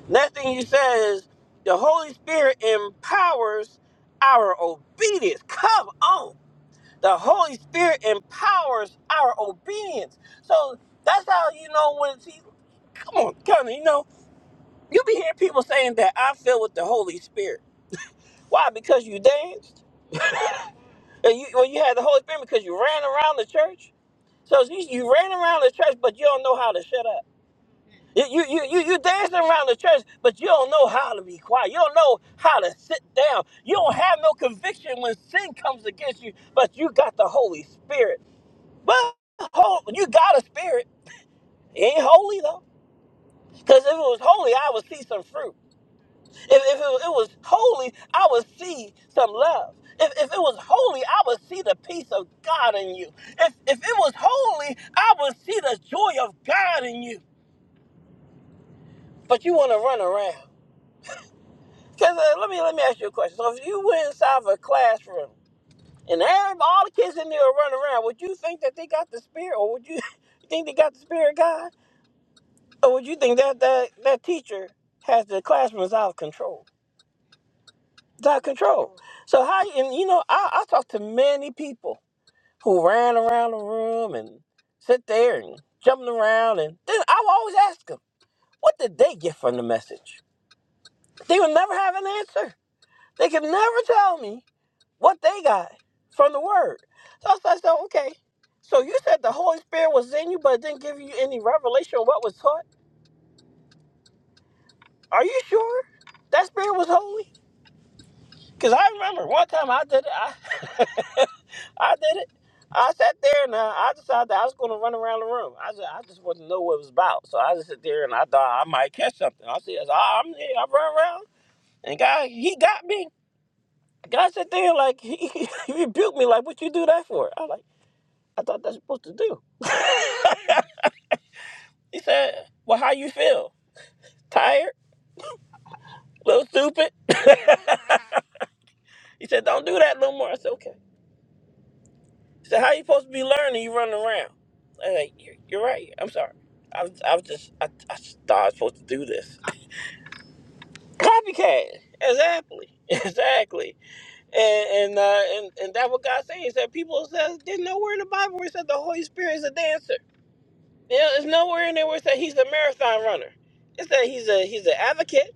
Speaker 1: Next thing you says, the Holy Spirit empowers our obedience. Come on. The Holy Spirit empowers our obedience. So that's how you know when it's, he- come on, come on, you know. You be hearing people saying that I filled with the Holy Spirit. Why? Because you danced? Or you, well, you had the Holy Spirit because you ran around the church? So you, you ran around the church, but you don't know how to shut up. You, you, you, you you dancing around the church, but you don't know how to be quiet. You don't know how to sit down. You don't have no conviction when sin comes against you, but you got the Holy Spirit. But hol- you got a spirit. It ain't holy, though. Because if it was holy, I would see some fruit. If, if it, it was holy, I would see some love. If, if it was holy, I would see the peace of God in you. If, if it was holy, I would see the joy of God in you. But you want to run around. Because uh, let me let me ask you a question. So if you went inside of a classroom and every, all the kids in there are running around, would you think that they got the spirit, or would you *laughs* think they got the spirit of God, or would you think that that that teacher has the classrooms out of control? It's out of control. So how and you know, I, I talked to many people who ran around the room and sit there and jumping around and then I would always ask them, what did they get from the message? They would never have an answer. They could never tell me what they got from the word. So I said, so, okay. So you said the Holy Spirit was in you, but it didn't give you any revelation of what was taught. Are you sure that spirit was holy? Because I remember one time I did it. I *laughs* I did it. I sat there and uh, I decided that I was going to run around the room. I just, I just wanted to know what it was about. So I just sit there and I thought I might catch something. I said, "Ah, I'm there. I run around. And God, he got me. God sat there like, *laughs* he rebuked me like, what you do that for? I like, I thought that's supposed to do. *laughs* he said, well, how you feel? Tired? little stupid? *laughs* he said, don't do that no more. I said, okay. So how you supposed to be learning? You running around. I'm like, you're, you're right. I'm sorry. I was, I was just, I, I just thought I was supposed to do this. Copycat. Exactly. *laughs* Exactly. And and uh, and, and that's what God saying. He said people says there's nowhere in the Bible where it said the Holy Spirit is a dancer. You know, there's nowhere in there where it said he's a marathon runner. It said he's a he's an advocate.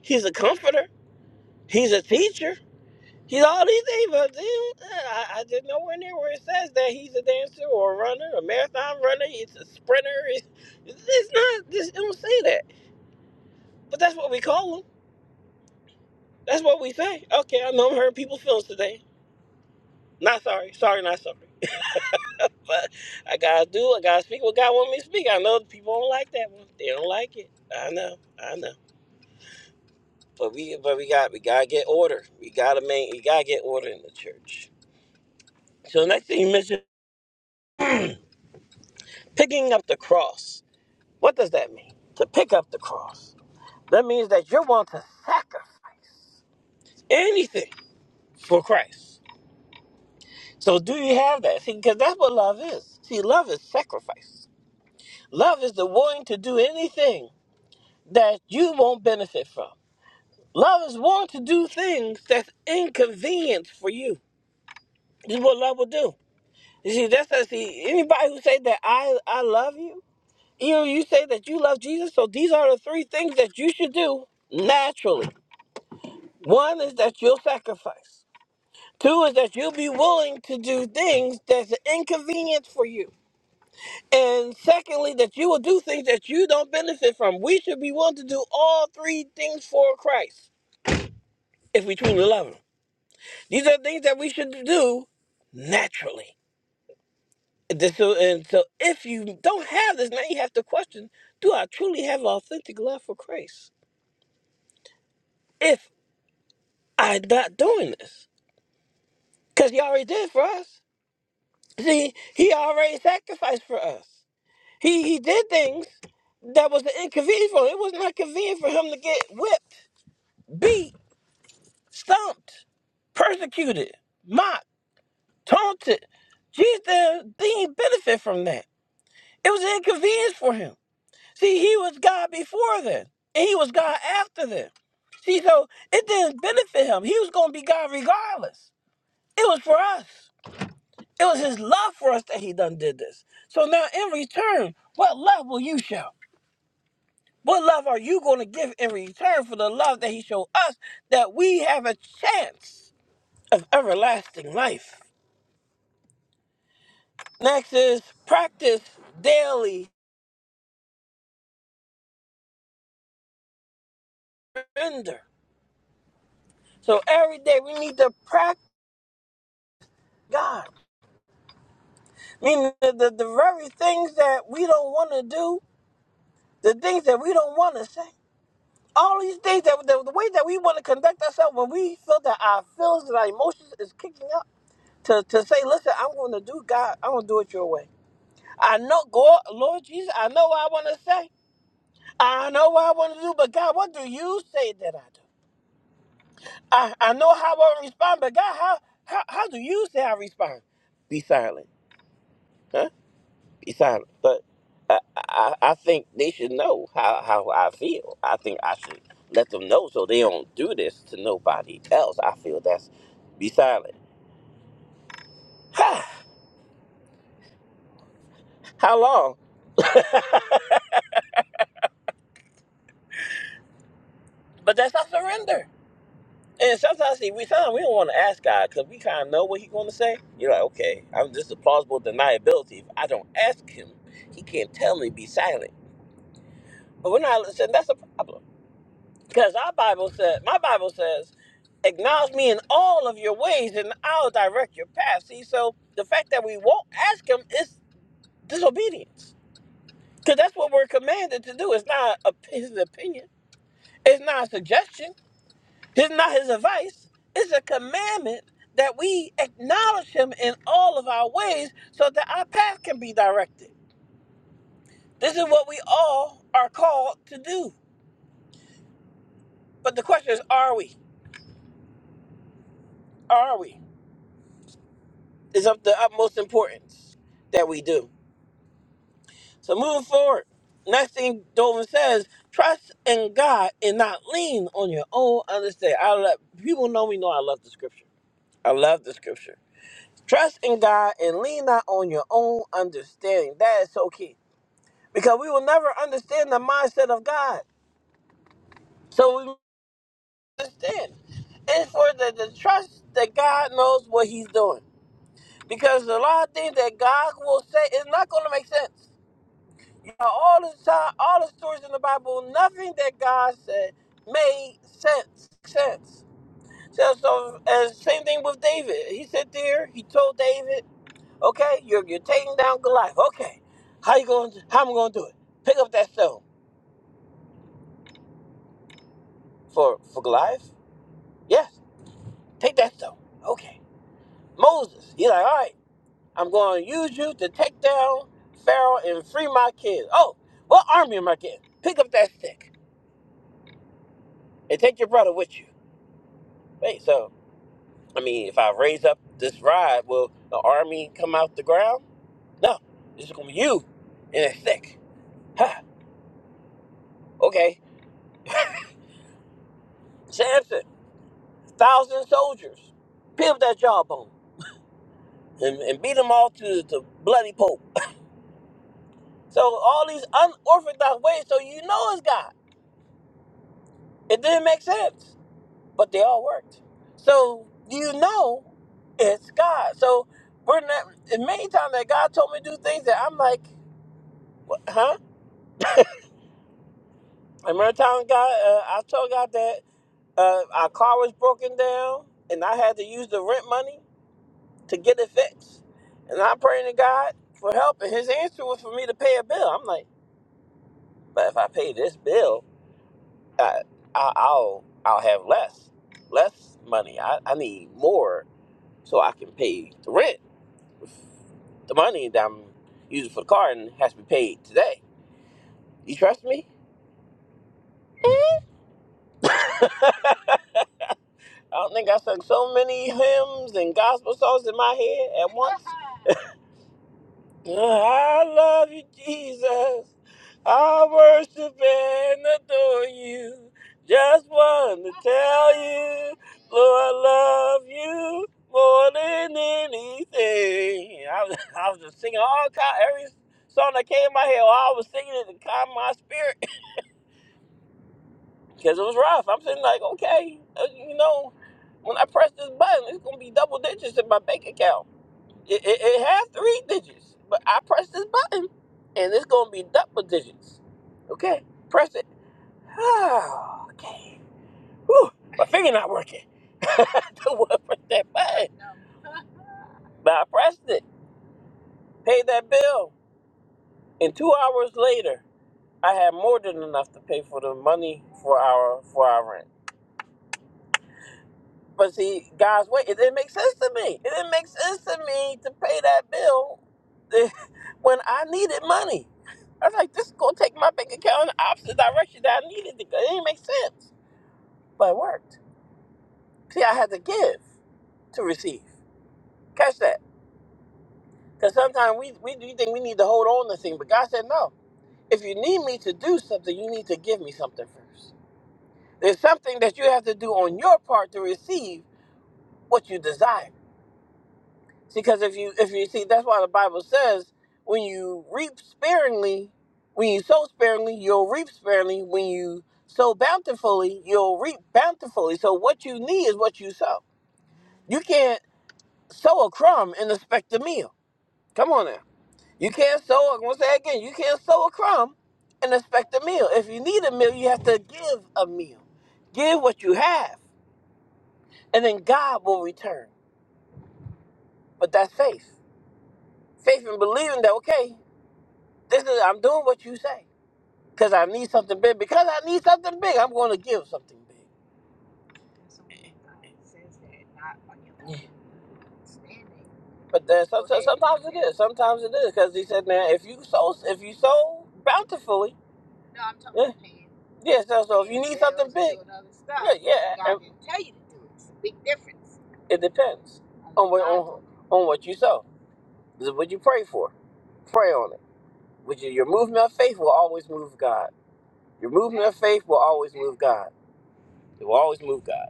Speaker 1: He's a comforter. He's a teacher. He's all these things, but dude, I, I just nowhere near where it says that he's a dancer or a runner, a marathon runner. He's a sprinter. It's, it's not. This it don't say that. But that's what we call him. That's what we say. Okay, I know I'm hurting people's feelings today. Not sorry. Sorry, not sorry. *laughs* But I gotta do. I gotta speak what God want me to speak. I know people don't like that one. They don't like it. I know. I know. But we, but we got, we gotta get order. We gotta make, we gotta get order in the church. So next thing you mentioned, picking up the cross. What does that mean? To pick up the cross. That means that you're willing to sacrifice anything for Christ. So do you have that? See, because that's what love is. See, love is sacrifice. Love is the willing to do anything that you won't benefit from. Love is willing to do things that's inconvenient for you. This is what love will do. You see, that's how, see, anybody who say that I, I love you, you know, you say that you love Jesus, so these are the three things that you should do naturally One is that you'll sacrifice. Two is that you'll be willing to do things that's an inconvenience for you. And secondly, that you will do things that you don't benefit from. We should be willing to do all three things for Christ if we truly love Him. These are things that we should do naturally. This- so- and so, if you don't have this, now you have to question do I truly have authentic love for Christ? If I'm not doing this, because He already did for us. See, he already sacrificed for us. He he did things that was inconvenient for him. It was not convenient for him to get whipped, beat, stumped, persecuted, mocked, taunted. Jesus didn't didn't benefit from that. It was inconvenience for him. See, he was God before then, and he was God after then. See, so it didn't benefit him. He was going to be God regardless. It was for us. It was his love for us that he done did this. So now in return, what love will you show? What love are you going to give in return for the love that he showed us that we have a chance of everlasting life? Next is practice daily surrender. So every day we need to practice God. Meaning the, the, the very things that we don't want to do, the things that we don't want to say. all these things that the, the way that we want to conduct ourselves when we feel that our feelings and our emotions is kicking up to, to say, listen, I'm going to do God, I'm going to do it your way. I know, God, Lord Jesus, I know what I want to say. I know what I want to do, but God, what do you say that I do? I, I know how I respond, but God, how, how how do you say I respond? Be silent. huh? Simon, but I, I, I think they should know how, how I feel. I think I should let them know so they don't do this to nobody else. I feel that's be silent. *sighs* how long? *laughs* but that's not surrender. And sometimes see, we sometimes we don't want to ask God because we kind of know what He's going to say. You're like, okay, I'm this is plausible deniability. If I don't ask Him, He can't tell me be silent. But we're not listening. That's a problem because our Bible says, my Bible says. acknowledge me in all of your ways and I'll direct your path. See, so the fact that we won't ask him is disobedience. Because that's what we're commanded to do. It's not a, his opinion, it's not a suggestion, it's not his advice. It's a commandment that we acknowledge him in all of our ways so that our path can be directed. This is what we all are called to do. But the question is, are we? Are we? Is of the utmost importance that we do. So moving forward, next thing Dolvin says, trust in God and not lean on your own understanding. I love people know me know I love the scripture. I love the scripture. Trust in God and lean not on your own understanding. That is so key. Because we will never understand the mindset of God. So we understand. It's for the, the trust that God knows what he's doing. Because a lot of things that God will say is not going to make sense. Now, all the time, all the stories in the Bible, nothing that God said made sense. Sense. So, so and same thing with David. He sat there. He told David, "Okay, you're you're taking down Goliath. Okay, how you going? to How I'm going to do it? Pick up that stone for for Goliath. Yes, take that stone. Okay, Moses. He's like, all right, I'm going to use you to take down Pharaoh and free my kids. Oh, what army am I getting? Pick up that stick and take your brother with you. Wait, so." I mean, if I raise up this rod, will the army come out the ground? No, this is gonna be you in a thick. Ha, okay. Samson, thousand soldiers, peel that jawbone and, and beat them all to the bloody pope. So all these unorthodox ways, so you know it's God. It didn't make sense, but they all worked. So you know it's God. So we're not. And many times that God told me to do things that I'm like, what, huh? And every time God, uh, I told God that uh, our car was broken down, and I had to use the rent money to get it fixed. And I praying to God for help, and His answer was for me to pay a bill. I'm like, but if I pay this bill, I, I, I'll I'll have less less money. I, I need more so I can pay the rent, the money that I'm using for the car, and has to be paid today. You trust me? *laughs* I don't think I sung so many hymns and gospel songs in my head at once. *laughs* I love you, Jesus. I worship and adore you. Just want to tell you, Lord, I love you more than anything. I was, *laughs* I was just singing all kind, every song that came in my head. I was singing it to calm my spirit *laughs* because it was rough. I'm sitting like, okay, uh, you know, when I press this button, it's gonna be double digits in my bank account. It, it, it has three digits, but I press this button and it's gonna be double digits. Okay, press it. Ah, okay. Whew, my finger not working. *laughs* the one press that button, but I pressed it. Paid that bill, and two hours later, I had more than enough to pay for the money for our for our rent. But see, God's way, it didn't make sense to me. It didn't make sense to me to pay that bill *laughs* when I needed money. I was like, this is going to take my bank account in the opposite direction that I needed to go. It didn't make sense. But it worked. See, I had to give to receive. Catch that. Because sometimes we, we, we think we need to hold on to things, but God said, no. If you need me to do something, you need to give me something first. There's something that you have to do on your part to receive what you desire. because if you if you see that's why the bible says when you reap sparingly when you sow sparingly you'll reap sparingly when you sow bountifully you'll reap bountifully so what you need is what you sow you can't sow a crumb and expect a meal come on now you can't sow i'm going to say it again you can't sow a crumb and expect a meal if you need a meal you have to give a meal give what you have and then god will return but that's faith faith in believing that okay This is I'm doing what you say because I need something big. Because I need something big, I'm going to give something big. Yeah. But then some- so- sometimes it is. Sometimes it is because he said, "Now, if you sow, if you sow bountifully, yeah, yeah. So, so if you need something big, yeah, yeah. and It depends on what on, on what you sow. This is what you pray for. Pray on it. Which is your movement of faith will always move God. Your movement of faith will always move God. It will always move God.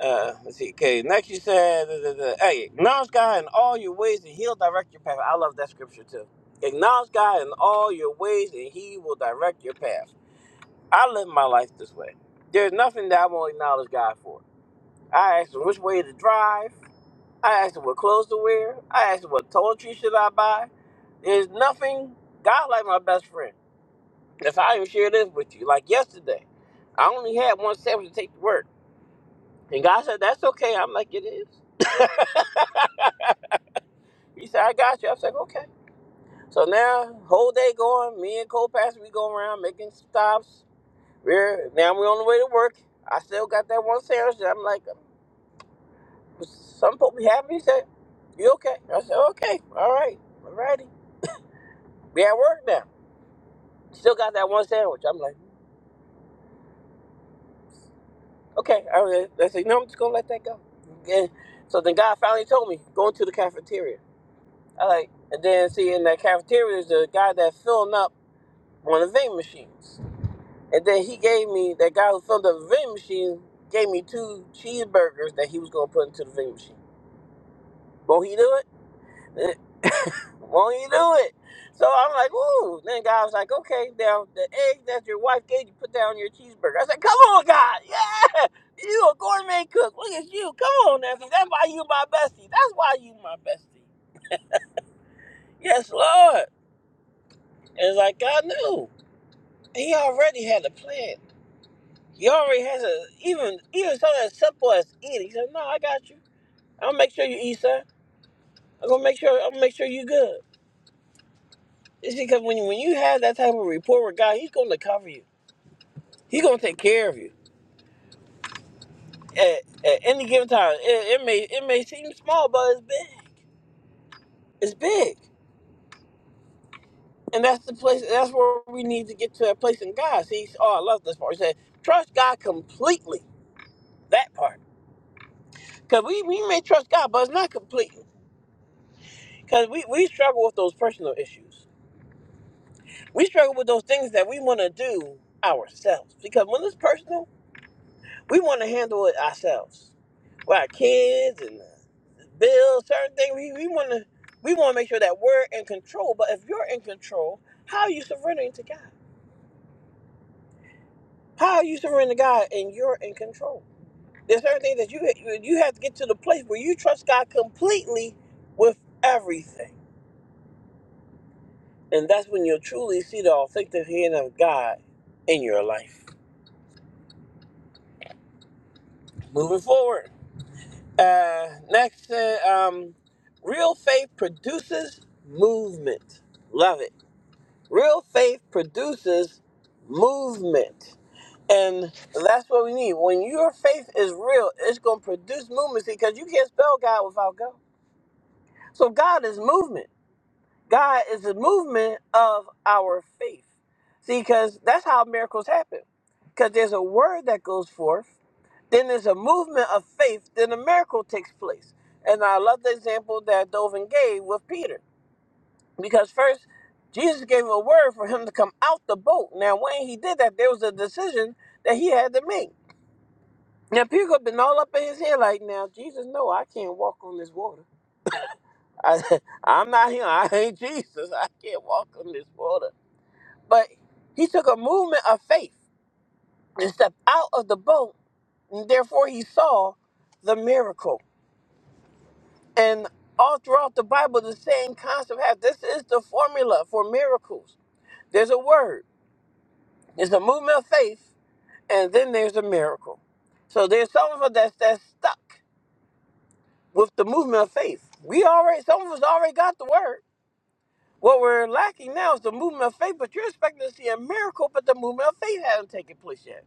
Speaker 1: Uh, let's see. Okay, next you said, da, da, da. hey, acknowledge God in all your ways and He'll direct your path. I love that scripture too. Acknowledge God in all your ways and He will direct your path. I live my life this way. There's nothing that I won't acknowledge God for. I asked Him which way to drive. I asked Him what clothes to wear. I asked Him what toiletries should I buy. There's nothing. God like my best friend. That's how I even share this with you. Like yesterday, I only had one sandwich to take to work. And God said, That's okay. I'm like, It is. *laughs* He said, I got you. I was like, Okay. So now, whole day going, me and co pastor, we go around making stops. We're, now we're on the way to work. I still got that one sandwich. And I'm like, was Some people be happy. He said, You okay? I said, Okay. All right. All righty. We at work now. Still got that one sandwich. I'm like, Okay, I was. I said, no, I'm just gonna let that go. And so then God finally told me, go into the cafeteria. I like, and then see in that cafeteria is the guy that filling up one of the vending machines. And then he gave me that guy who filled up the vending machine gave me two cheeseburgers that he was gonna put into the vending machine. Won't he do it? won't you do it? So I'm like, ooh. Then God was like, okay, now the egg that your wife gave you, put that on your cheeseburger. I said, come on, God, *laughs* yeah, you a gourmet cook. Look at you. Come on, Nancy. That's why you my bestie. That's why you my bestie. Yes, Lord. It's like God knew. He already had a plan. He already has a even even something as simple as eating. He said, no, I got you. I'll make sure you eat, son. I'm gonna make sure I'm gonna make sure you good. It's because when you, when you have that type of rapport with God, He's gonna cover you. He gonna take care of you at, at any given time. It, it may it may seem small, but it's big. It's big, and that's the place. That's where we need to get to that place in God. See, oh, I love this part. He said, trust God completely. That part, because we we may trust God, but it's not completely. Because we we struggle with those personal issues. We struggle with those things that we want to do ourselves. Because when it's personal. We want to handle it ourselves. With our kids and the bills, certain things. We, we want to we want to make sure that we're in control. But if you're in control, how are you surrendering to God? How are you surrendering to God and you're in control? There's certain things that you you have to get to the place where you trust God completely with everything, and that's when you'll truly see the authentic hand of God in your life. Moving forward. Uh, next, uh, um, real faith produces movement. Love it. Real faith produces movement. And that's what we need. When your faith is real, it's going to produce movement because you can't spell God without God. So God is movement. God is the movement of our faith. See, because that's how miracles happen. Because there's a word that goes forth, then there's a movement of faith, then a miracle takes place. And I love the example that Dovin gave with Peter. Because first, Jesus gave him a word for him to come out the boat. Now, when he did that, there was a decision that he had to make. Now, Peter could have been all up in his head like, now, Jesus, no, I can't walk on this water. I, *laughs* I'm not him. I ain't Jesus. I can't walk on this water. But he took a movement of faith and stepped out of the boat, and therefore he saw the miracle. And all throughout the Bible, the same concept has this is the formula for miracles. There's a word, there's a movement of faith, and then there's a miracle. So there's some of us that's, that's stuck with the movement of faith. We already, some of us already got the word. What we're lacking now is the movement of faith, but you're expecting to see a miracle, but the movement of faith hasn't taken place yet.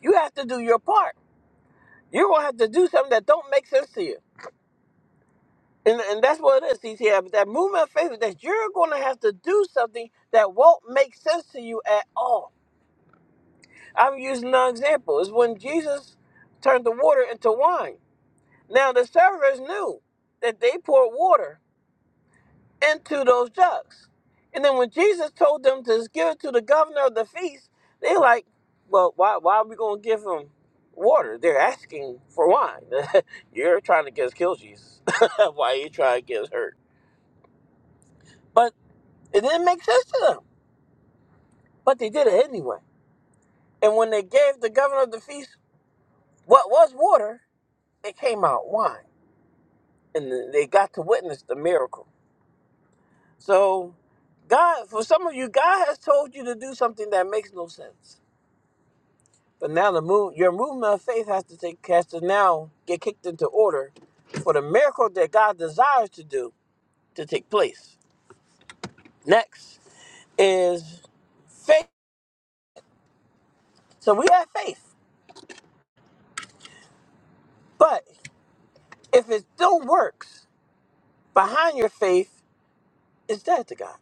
Speaker 1: You have to do your part. You're gonna have to do something that don't make sense to you. And, and that's what it is, C T. Yeah, but That movement of faith is that you're gonna have to do something that won't make sense to you at all. I'm using an example. It's when Jesus turned the water into wine. Now the servers knew that they poured water into those jugs. And then when Jesus told them to just give it to the governor of the feast, they like, well, why, why are we going to give them water? They're asking for wine. *laughs* You're trying to get us killed, Jesus. *laughs* why are you trying to get us hurt? But it didn't make sense to them. But they did it anyway. And when they gave the governor of the feast what was water, it came out wine. And they got to witness the miracle. So, God, for some of you, God has told you to do something that makes no sense But now the move, your movement of faith has to take has to now get kicked into order for the miracle that God desires to do to take place. Next is faith. So we have faith, but if it still works behind your faith, is dead to God.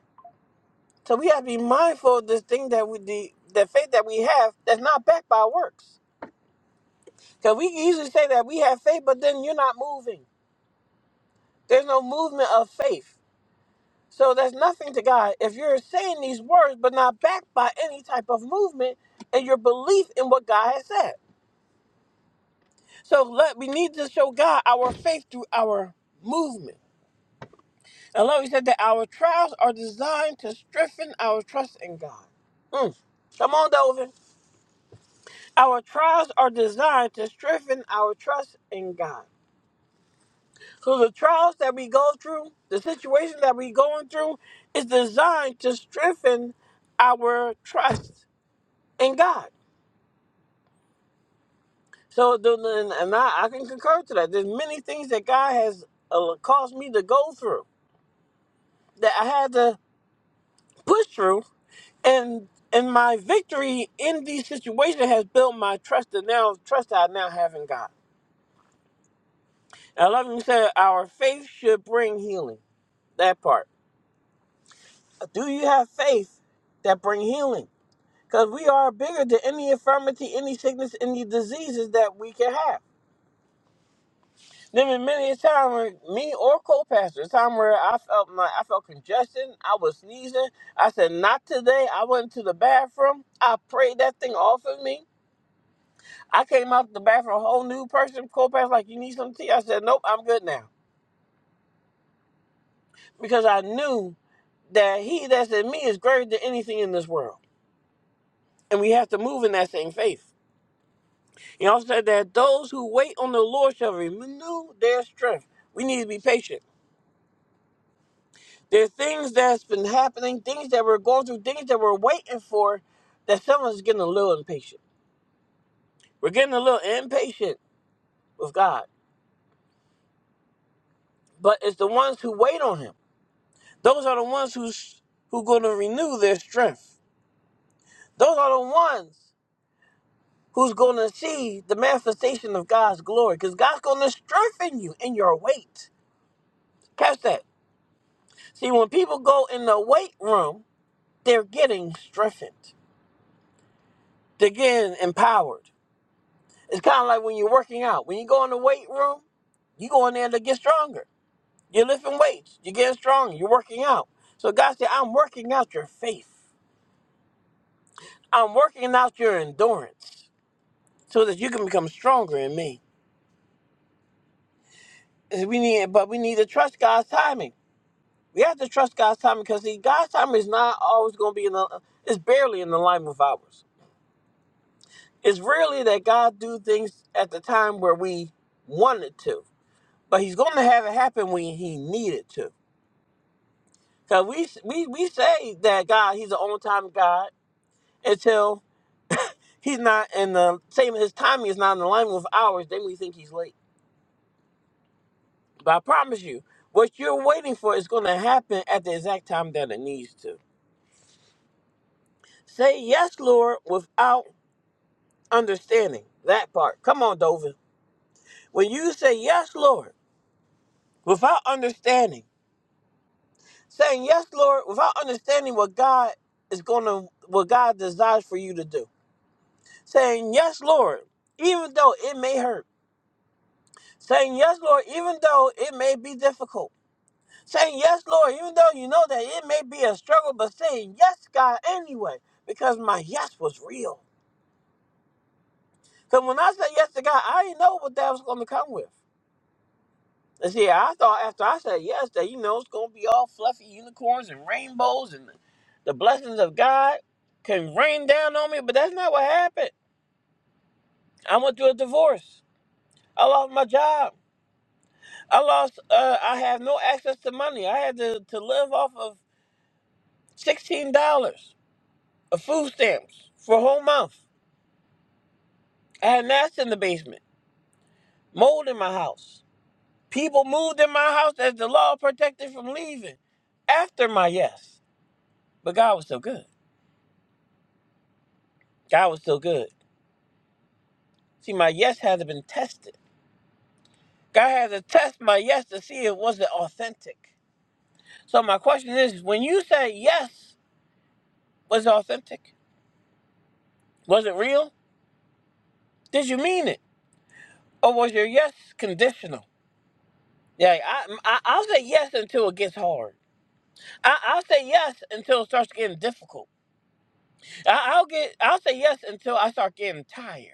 Speaker 1: So we have to be mindful of this thing that we the, the faith that we have that's not backed by works. Because we can easily say that we have faith, but then you're not moving. There's no movement of faith. So that's nothing to God. If you're saying these words but not backed by any type of movement and your belief in what God has said. So let we need to show God our faith through our movement. And Lord, he said that our trials are designed to strengthen our trust in God. Mm. Come on, Dovan. Our trials are designed to strengthen our trust in God. So the trials that we go through, the situation that we're going through, is designed to strengthen our trust in God. So, the- and and I, I can concur to that. There's many things that God has uh, caused me to go through that I had to push through, and and my victory in these situations has built my trust and now trust I now have in God. And I love him said, our faith should bring healing. That part. Do you have faith that bring healing? Because we are bigger than any infirmity, any sickness, any diseases that we can have. There been many a time where me or co-pastor, a time where I felt my I felt congestion, I was sneezing. I said, "Not today." I went to the bathroom. I prayed that thing off of me. I came out the bathroom a whole new person. Co-pastor, like, "You need some tea?" I said, "Nope, I'm good now," because I knew that He that's in me is greater than anything in this world, and we have to move in that same faith. He also said that those who wait on the Lord shall renew their strength. We need to be patient. There's things that's been happening, things that we're going through, things that we're waiting for, that someone's getting a little impatient. We're getting a little impatient with God, but it's the ones who wait on Him. Those are the ones who's who going to renew their strength. Those are the ones who's going to see the manifestation of God's glory, because God's going to strengthen you in your wait. Catch that. See, when people go in the weight room, they're getting strengthened. They're getting empowered It's kind of like when you're working out. When you go in the weight room, you go in there to get stronger. You're lifting weights. You're getting stronger. You're working out. So God said, I'm working out your faith. I'm working out your endurance so that you can become stronger in me. And We need, but we need to trust God's timing. We have to trust God's timing because see, God's timing is not always going to be in the. It's barely in alignment with ours. It's rarely that God do things at the time where we want it to, but He's going to have it happen when He needed to. Cause we we we say that God, He's an on time God until He's not in the same. His timing is not in alignment with ours. Then we think He's late. But I promise you, what you're waiting for is going to happen at the exact time that it needs to. Say yes, Lord, without understanding that part. Come on, Dovin. When you say yes, Lord, without understanding, saying yes, Lord, without understanding what God is going to, what God desires for you to do. Saying yes, Lord, even though it may hurt Saying yes, Lord, even though it may be difficult. Saying yes, Lord, even though you know that it may be a struggle, but saying yes, God, anyway, because my yes was real. Because when I said yes to God, I didn't know what that was going to come with. And see, I thought after I said yes that, you know, it's going to be all fluffy unicorns and rainbows and the blessings of God can rain down on me, but that's not what happened. I went through a divorce. I lost my job. I lost, uh, I have no access to money. I had to, to live off of $16 of food stamps for a whole month. I had gnats in the basement, mold in my house. People moved in my house as the law protected from leaving after my yes. But God was so good. God was so good. See, my yes hasn't been tested. God had to test my yes to see if it wasn't authentic. So my question is, when you say yes, was it authentic? Was it real? Did you mean it? Or was your yes conditional? Yeah, I, I, I'll say yes until it gets hard. I, I'll say yes until it starts getting difficult. I, I'll get. I'll say yes until I start getting tired.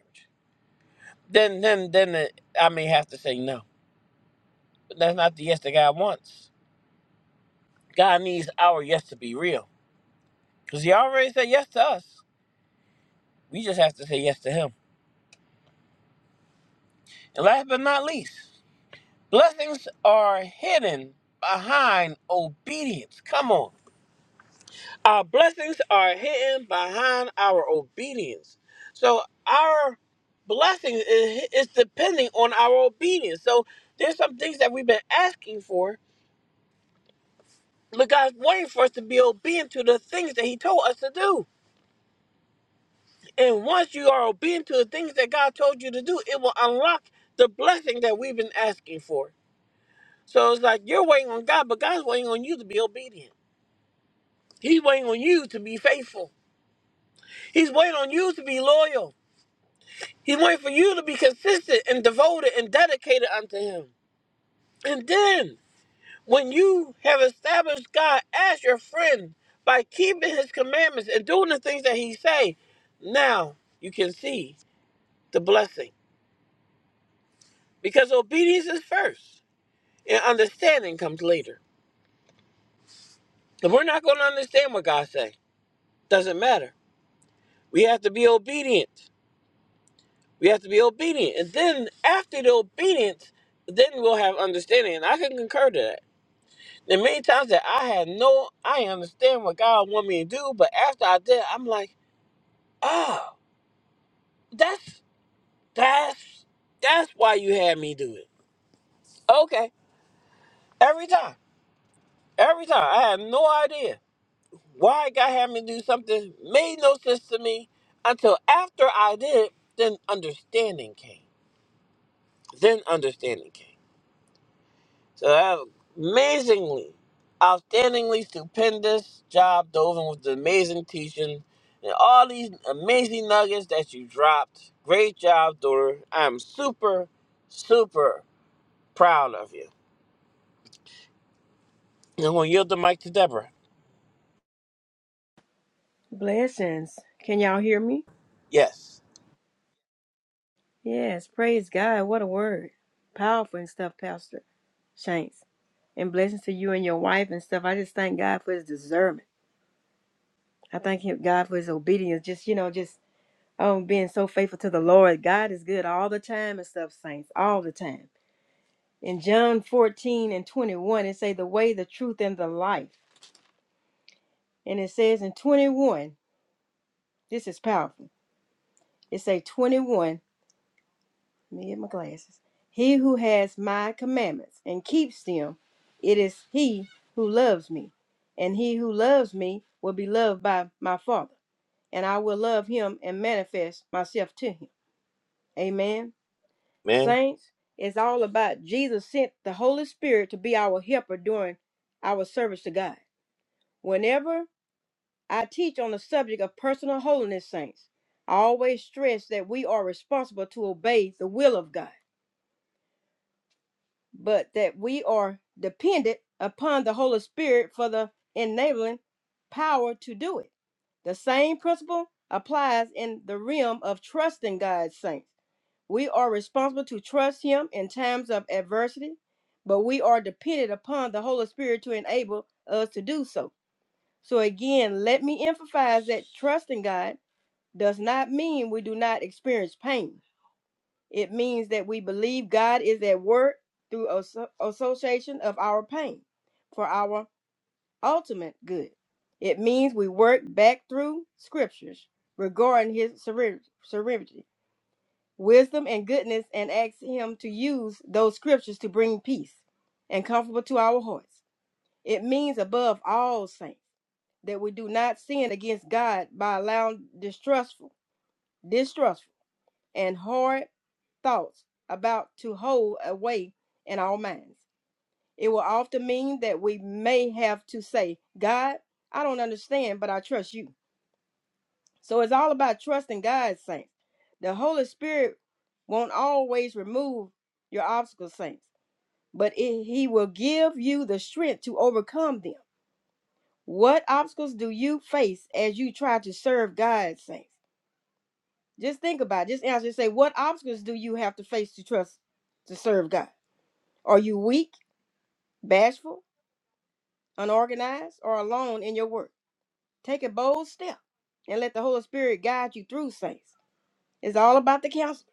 Speaker 1: Then, then, then it, I may have to say no. But that's not the yes that God wants. God needs our yes to be real, because He already said yes to us. We just have to say yes to Him. And last but not least, blessings are hidden behind obedience. Come on. Our blessings are hidden behind our obedience. So our blessings is, is depending on our obedience. So there's some things that we've been asking for. Look, God's waiting for us to be obedient to the things that He told us to do. And once you are obedient to the things that God told you to do, it will unlock the blessing that we've been asking for. So it's like you're waiting on God, but God's waiting on you to be obedient. He's waiting on you to be faithful. He's waiting on you to be loyal. He wants for you to be consistent and devoted and dedicated unto him. And then, when you have established God as your friend by keeping his commandments and doing the things that he say, now you can see the blessing. Because obedience is first and understanding comes later. If we're not going to understand what God say, doesn't matter. We have to be obedient. We have to be obedient. And then after the obedience, then we'll have understanding. And I can concur to that The many times that I had no, I understand what God want me to do, but after I did, I'm like, oh, that's that's that's why you had me do it. Okay, every time, every time, I had no idea why God had me do something made no sense to me until after I did, then understanding came. Then understanding came. So that was amazingly, outstandingly stupendous job, Dovin, with the amazing teaching and all these amazing nuggets that you dropped. Great job, Dora. I'm super, super proud of you. I'm going to yield the mic to Deborah.
Speaker 3: Blessings. Can y'all hear me?
Speaker 1: Yes.
Speaker 3: Yes. Praise God. What a word. Powerful and stuff, Pastor Shanks. And blessings to you and your wife and stuff. I just thank God for his discernment. I thank him God for his obedience. Just, you know, just um being so faithful to the Lord. God is good all the time and stuff, saints, all the time. In John 14 and 21, it say the way, the truth, and the life. And it says in 21, this is powerful. It say 21. Let me and my glasses. He who has my commandments and keeps them, it is he who loves me. And he who loves me will be loved by my Father, and I will love him and manifest myself to him. Amen.
Speaker 1: Amen.
Speaker 3: Saints, it's all about Jesus sent the Holy Spirit to be our helper during our service to God. Whenever I teach on the subject of personal holiness, saints, I always stress that we are responsible to obey the will of God but that we are dependent upon the Holy Spirit for the enabling power to do it. The same principle applies in the realm of trusting God's saints. We are responsible to trust Him in times of adversity, but we are dependent upon the Holy Spirit to enable us to do so. So, again, let me emphasize that trusting God does not mean we do not experience pain it means that we believe God is at work through association of our pain for our ultimate good. It means we work back through scriptures regarding his sever- wisdom, and goodness and ask him to use those scriptures to bring peace and comfort to our hearts. It means, above all saints, that we do not sin against God by allowing distrustful, distrustful, and hard thoughts about to hold away in our minds. It will often mean that we may have to say, God, I don't understand, but I trust you. So it's all about trusting God, saints. The Holy Spirit won't always remove your obstacles, saints, but it, He will give you the strength to overcome them. What obstacles do you face as you try to serve God, saints? Just think about it. Just answer. and Say, what obstacles do you have to face to trust to serve God? Are you weak? bashful, unorganized, or alone in your work. Take a bold step and let the Holy Spirit guide you through saints. It's all about the counselor.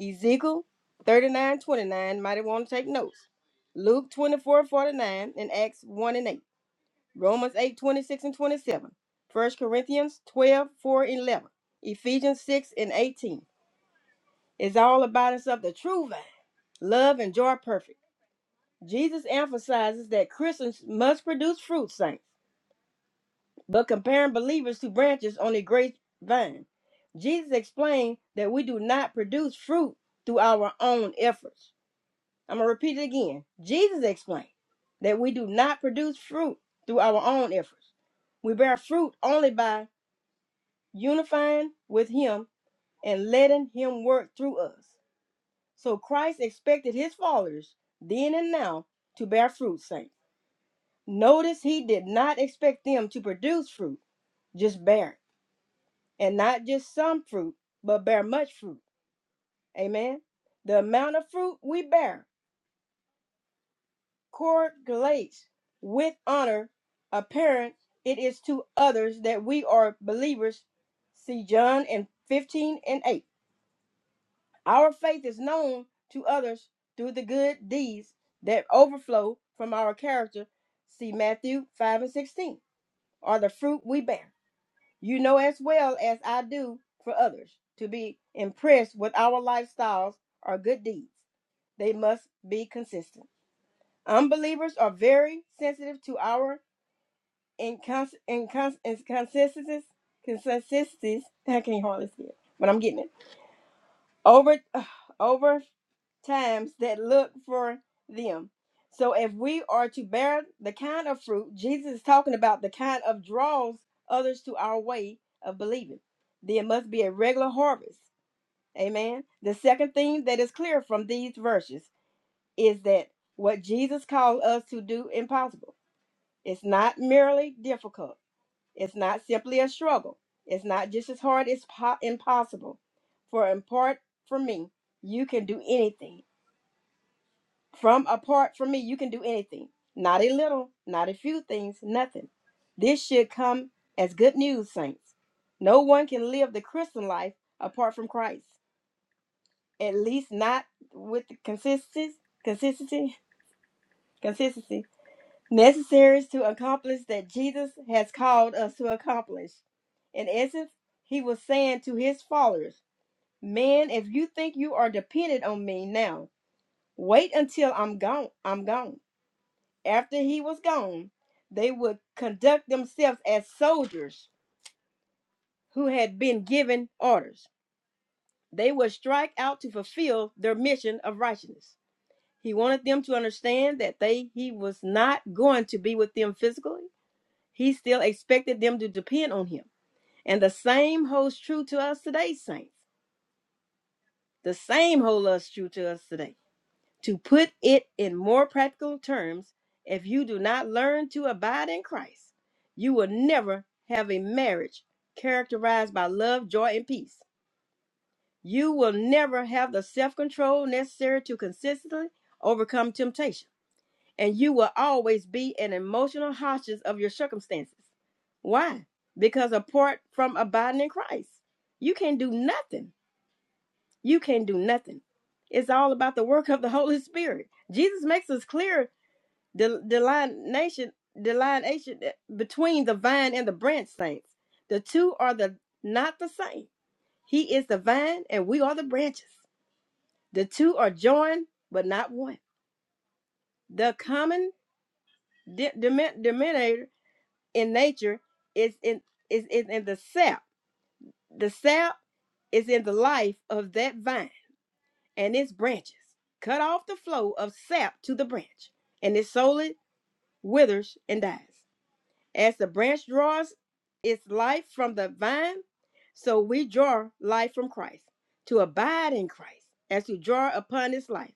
Speaker 3: Ezekiel 39 29. might want to take notes. Luke 24 49 and Acts 1 and 8. Romans 8 26 and 27. First Corinthians 12 4 and 11. Ephesians 6 and 18. It's all about us of the true vine. Love and joy perfect. Jesus emphasizes that Christians must produce fruit, saints. but comparing believers to branches on a grapevine. Jesus explained that we do not produce fruit through our own efforts. I'm going to repeat it again. Jesus explained that we do not produce fruit through our own efforts. We bear fruit only by unifying with Him and letting Him work through us. So Christ expected His followers then and now to bear fruit, saints. Notice He did not expect them to produce fruit, just bear it. and not just some fruit, but bear much fruit. Amen. The amount of fruit we bear correlates with honor apparent it is to others that we are believers. See John and 15 and 8. Our faith is known to others through the good deeds that overflow from our character. See Matthew 5 and 16. Are the fruit we bear. You know as well as I do for others to be impressed with our lifestyles or good deeds. They must be consistent. Unbelievers are very sensitive to our incons- incons- inconsistencies. Consistencies. I can't hardly see it, but I'm getting it. Over, *sighs* uh, over times that look for them. So if we are to bear the kind of fruit, Jesus is talking about the kind of draws others to our way of believing. There must be a regular harvest. Amen. The second thing that is clear from these verses is that what Jesus calls us to do is impossible. It's not merely difficult. It's not simply a struggle. It's not just as hard as po- impossible. For in part for me, you can do anything from apart from me, you can do anything. Not a little, not a few things, nothing. This should come as good news, saints. No one can live the Christian life apart from Christ. At least not with the consistency, consistency, consistency necessary to accomplish that Jesus has called us to accomplish. In essence, he was saying to his followers, "Man, if you think you are dependent on me now, wait until I'm gone. I'm gone." after he was gone, they would conduct themselves as soldiers who had been given orders. They would strike out to fulfill their mission of righteousness. He wanted them to understand that they he was not going to be with them physically. He still expected them to depend on him. And the same holds true to us today, saints. The same holds us true to us today To put it in more practical terms, if you do not learn to abide in Christ, you will never have a marriage characterized by love, joy, and peace. You will never have the self control necessary to consistently overcome temptation. And you will always be an emotional hostage of your circumstances. Why? Because apart from abiding in Christ, you can do nothing. You can do nothing. It's all about the work of the Holy Spirit. Jesus makes us clear the delineation, delineation between the vine and the branch saints. The two are the not the same. He is the vine and we are the branches. The two are joined but not one. The common denominator in nature is in is, is in the sap. The sap is in the life of that vine and its branches. Cut off the flow of sap to the branch, and its solid withers and dies. As the branch draws its life from the vine, so we draw life from Christ. To abide in Christ as you draw upon his life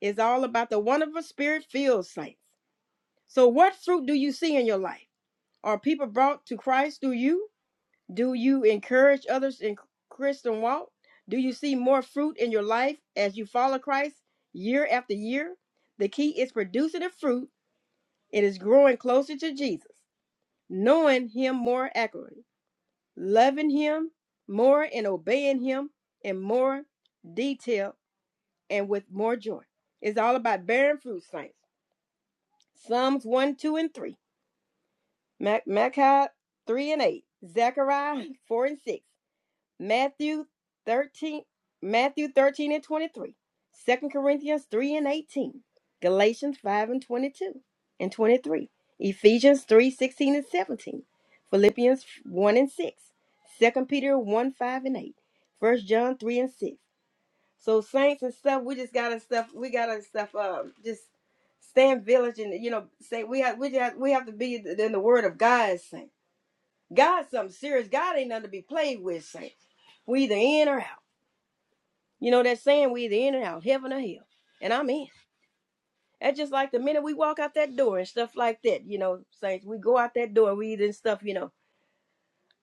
Speaker 3: is all about the wonderful spirit filled saints. So, what fruit do you see in your life? Are people brought to Christ through you? Do you encourage others in Christian walk? Do you see more fruit in your life as you follow Christ year after year? The key is producing the fruit. It is growing closer to Jesus, knowing him more accurately loving Him more and obeying Him in more detail and with more joy. It's all about bearing fruit, saints. Psalms 1, 2, and 3, Mac- Malachi 3 and 8, Zechariah 4 and 6, Matthew 13, Matthew 13 and 23, Second Corinthians 3 and 18, Galatians 5 and 22 and 23, Ephesians 3 16 and 17, Philippians 1 and 6, Second Peter 1, 5 and 8, First John 3 and 6. So saints and stuff, we just gotta stuff, we gotta stuff, um, just stand village and you know, say we have we just we have to be in the word of God, saints. God's something serious. God ain't nothing to be played with, saints. We either in or out. You know that saying, we either in or out, heaven or hell. And I'm in. That's just like the minute we walk out that door and stuff like that, you know, saints, we go out that door, we either in stuff, you know,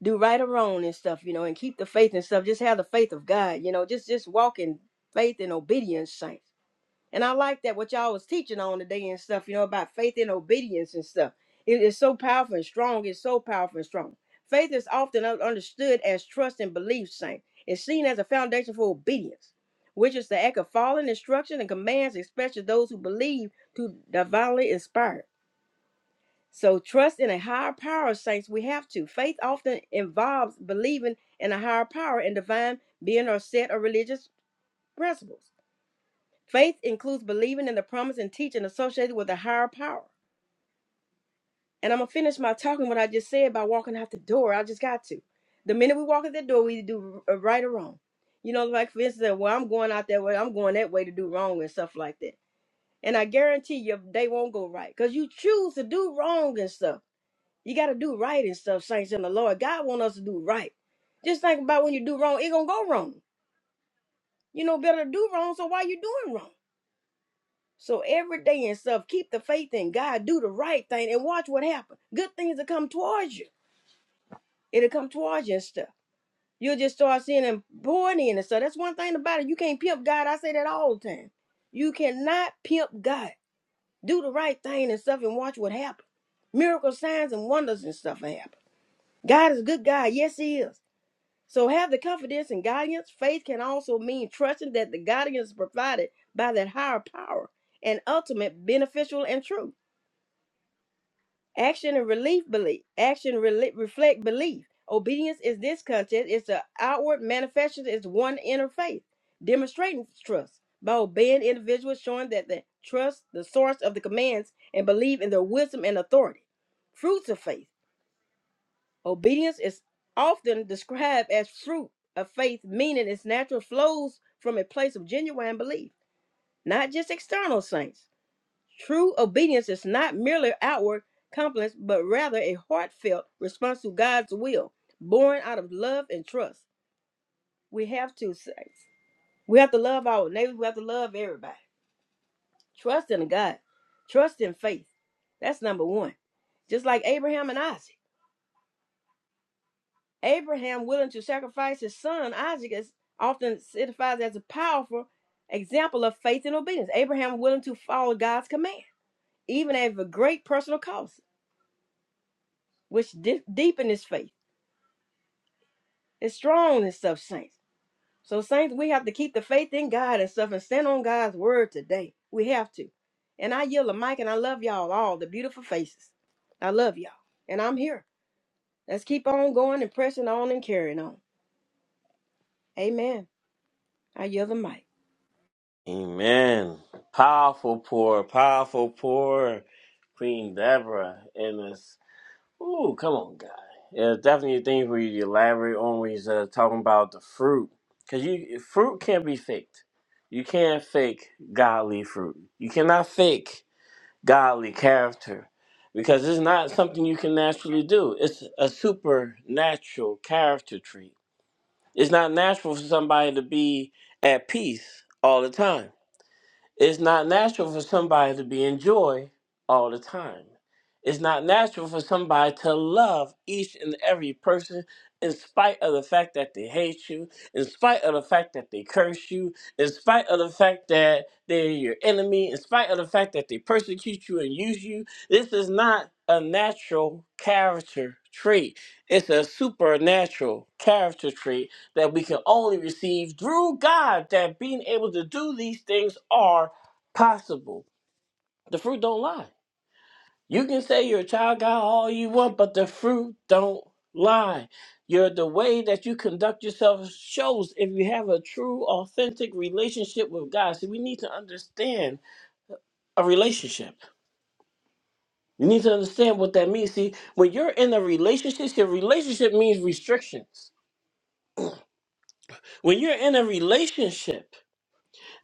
Speaker 3: do right or wrong and stuff, you know, and keep the faith and stuff. Just have the faith of God, you know, just just walk in faith and obedience, saints. And I like that what y'all was teaching on today and stuff, you know, about faith and obedience and stuff. It is so powerful and strong. It's so powerful and strong. Faith is often un- understood as trust and belief, saint. It's seen as a foundation for obedience, which is the act of following instructions and commands, especially those who believe to divinely inspired. So trust in a higher power, saints, we have to. Faith often involves believing in a higher power and divine being or set of religious principles. Faith includes believing in the promise and teaching associated with a higher power. And I'm gonna finish my talking what I just said by walking out the door. I just got to. The minute we walk out the door, we do r- uh, right or wrong. You know, like for instance, well, I'm going out that way, I'm going that way to do wrong and stuff like that. And I guarantee you, they won't go right because you choose to do wrong and stuff. You got to do right and stuff, saints in the Lord. God wants us to do right. Just think about when you do wrong, it gonna go wrong. You know better to do wrong, so why you doing wrong? So every day and stuff, keep the faith in God, do the right thing, and watch what happens. Good things will come towards you. It'll come towards you and stuff. You'll just start seeing them pouring in and stuff. That's one thing about it. You can't pimp God. I say that all the time. You cannot pimp God. Do the right thing and stuff and watch what happens. Miracle signs and wonders and stuff will happen. God is a good God. Yes, He is. So have the confidence and guidance. Faith can also mean trusting that the guidance is provided by that higher power and ultimate beneficial and true. Action and relief belief. Action rel- reflect belief. Obedience is this content. It's the outward manifestation. It's one inner faith, demonstrating trust by obeying individuals, showing that they trust the source of the commands and believe in their wisdom and authority. Fruits of faith. Obedience is often described as fruit of faith, meaning its natural flows from a place of genuine belief, not just external signs. True obedience is not merely outward compliance, but rather a heartfelt response to God's will, born out of love and trust. We have to say, we have to love our neighbors. We have to love everybody. Trust in God. Trust in faith. That's number one. Just like Abraham and Isaac. Abraham willing to sacrifice his son Isaac is often certified as a powerful example of faith and obedience. Abraham willing to follow God's command, even at a great personal cost. which di- deepen his faith and strong and stuff, saints. So, saints, we have to keep the faith in God and stuff and stand on God's word today. We have to. And I yell the mic and I love y'all all, the beautiful faces. I love y'all. And I'm here. Let's keep on going and pressing on and carrying on. Amen. I yell the mic.
Speaker 1: Amen. Powerful pour, powerful pour, Queen Deborah. in this. Ooh, come on, guy. Yeah, it's definitely things where you elaborate on when you're talking about the fruit, because you fruit can't be faked. You can't fake godly fruit. You cannot fake godly character, because it's not something you can naturally do. It's a supernatural character trait. It's not natural for somebody to be at peace all the time it's not natural for somebody to be in joy all the time. It's not natural for somebody to love each and every person in spite of the fact that they hate you, in spite of the fact that they curse you, in spite of the fact that they're your enemy, in spite of the fact that they persecute you and use you. This is not a natural character trait. It's a supernatural character trait that we can only receive through God that being able to do these things are possible. The fruit don't lie. You can say you're a child of God all you want, but the fruit don't lie. Your the way that you conduct yourself shows if you have a true, authentic relationship with God. See, we need to understand a relationship. You need to understand what that means. See, when you're in a relationship, see, a relationship means restrictions. When you're in a relationship,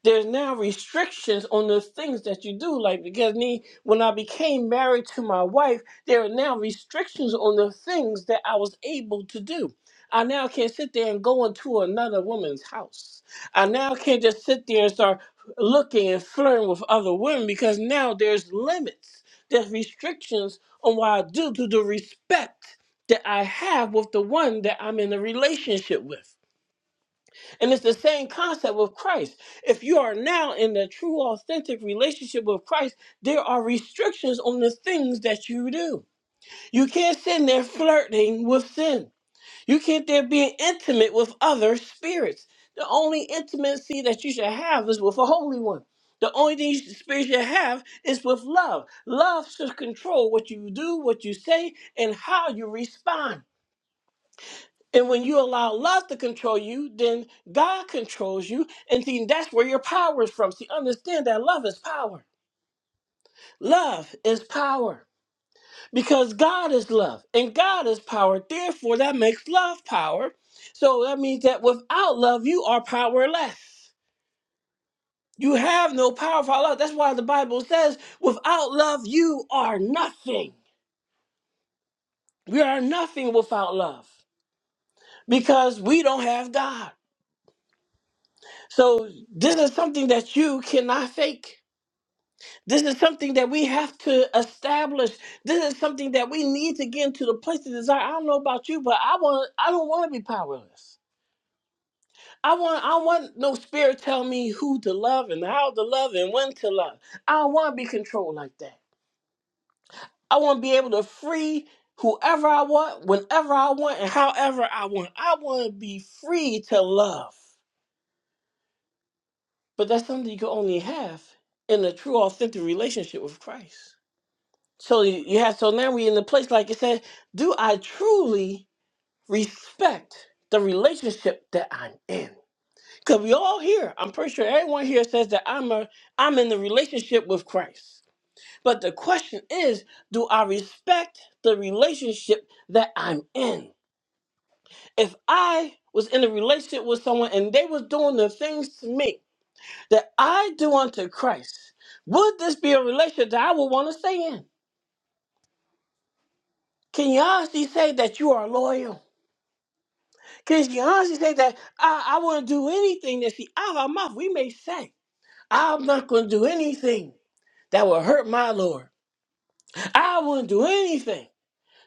Speaker 1: there's now restrictions on the things that you do. Like because me, when I became married to my wife, there are now restrictions on the things that I was able to do. I now can't sit there and go into another woman's house. I now can't just sit there and start looking and flirting with other women because now there's limits, there's restrictions on what I do to the respect that I have with the one that I'm in a relationship with. And it's the same concept with Christ. If you are now in the true, authentic relationship with Christ, there are restrictions on the things that you do. You can't sit there flirting with sin. You can't there being intimate with other spirits. The only intimacy that you should have is with a holy one. The only thing you should, spirit you have is with love. Love should control what you do, what you say, and how you respond. And when you allow love to control you, then God controls you. And see, that's where your power is from. See, understand that love is power. Love is power because God is love and God is power. Therefore, that makes love power. So that means that without love, you are powerless. You have no power without love. That's why the Bible says, without love, you are nothing. We are nothing without love because we don't have God. So this is something that you cannot fake. This is something that we have to establish. This is something that we need to get into the place to desire. I don't know about you, but I want I don't want to be powerless. I want I don't want no spirit tell me who to love and how to love and when to love. I don't want to be controlled like that. I want to be able to free whoever I want, whenever I want, and however I want. I want to be free to love. But that's something you can only have in a true, authentic relationship with Christ. So you, you have so now we in the place like it said, do I truly respect the relationship that I'm in? Because we all here, I'm pretty sure everyone here says that I'm a I'm in the relationship with Christ. But the question is, do I respect the relationship that I'm in? If I was in a relationship with someone and they was doing the things to me that I do unto Christ, would this be a relationship that I would want to stay in? Can you honestly say that you are loyal? Can you honestly say that I, I wouldn't do anything that she out of our mouth? We may say, I'm not going to do anything that will hurt my Lord. I wouldn't do anything.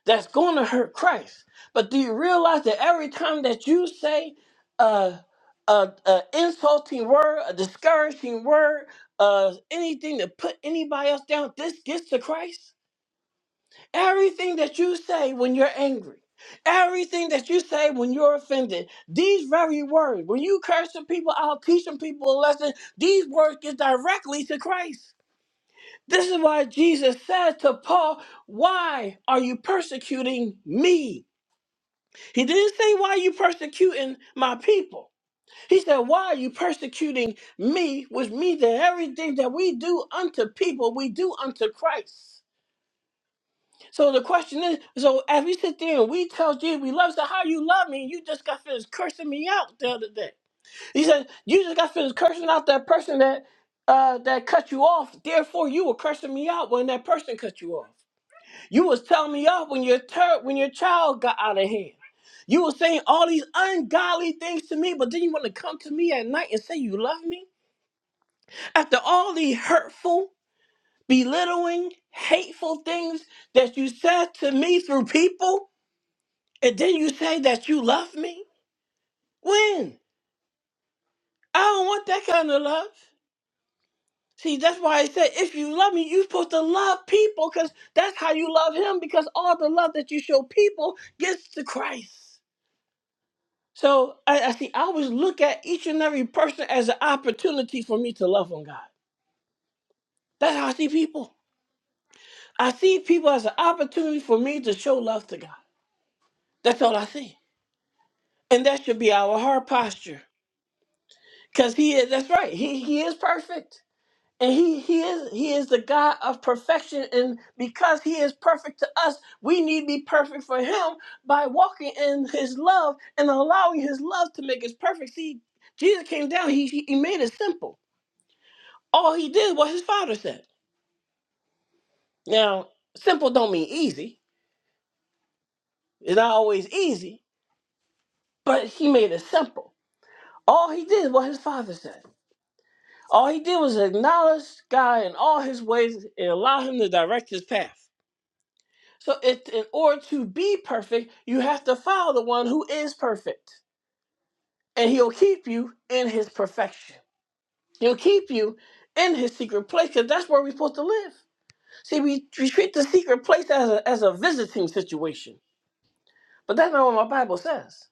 Speaker 1: that's going to hurt Christ. But do you realize that every time that you say uh, a, a insulting word, a discouraging word, uh, anything to put anybody else down, this gets to Christ? Everything that you say when you're angry, everything that you say when you're offended, these very words, when you cursing people out, teaching people a lesson, these words get directly to Christ. This is why Jesus said to Paul, Why are you persecuting me? He didn't say, Why are you persecuting my people? He said, Why are you persecuting me? Which means that everything that we do unto people, we do unto Christ. So the question is, so as we sit there and we tell Jesus we love, so how you love me, you just got finished cursing me out the other day. He said, You just got finished cursing out that person that uh that cut you off, therefore you were cursing me out when that person cut you off. You was telling me off when your tur when your child got out of hand. You was saying all these ungodly things to me, but then you want to come to me at night and say you love me? After all the hurtful, belittling, hateful things that you said to me through people, and then you say that you love me? When? I don't want that kind of love. See, that's why I said if you love me, you're supposed to love people because that's how you love him because all the love that you show people gets to Christ. So I, I see. I always look at each and every person as an opportunity for me to love on God. That's how I see people. I see people as an opportunity for me to show love to God. That's all I see, and that should be our heart posture, because He is. That's right. He He is perfect, and He He is He is the God of perfection, and because He is perfect to us, we need to be perfect for Him by walking in His love and allowing His love to make us perfect. See, Jesus came down. He He he made it simple. All he did was his father said. Now, simple don't mean easy. It's not always easy, but he made it simple. All he did was his father said. All he did was acknowledge God in all his ways and allow him to direct his path. So it, in order to be perfect, you have to follow the one who is perfect. And he'll keep you in his perfection. He'll keep you in his secret place because that's where we're supposed to live. See, we, we treat the secret place as a, as a visiting situation But that's not what my Bible says.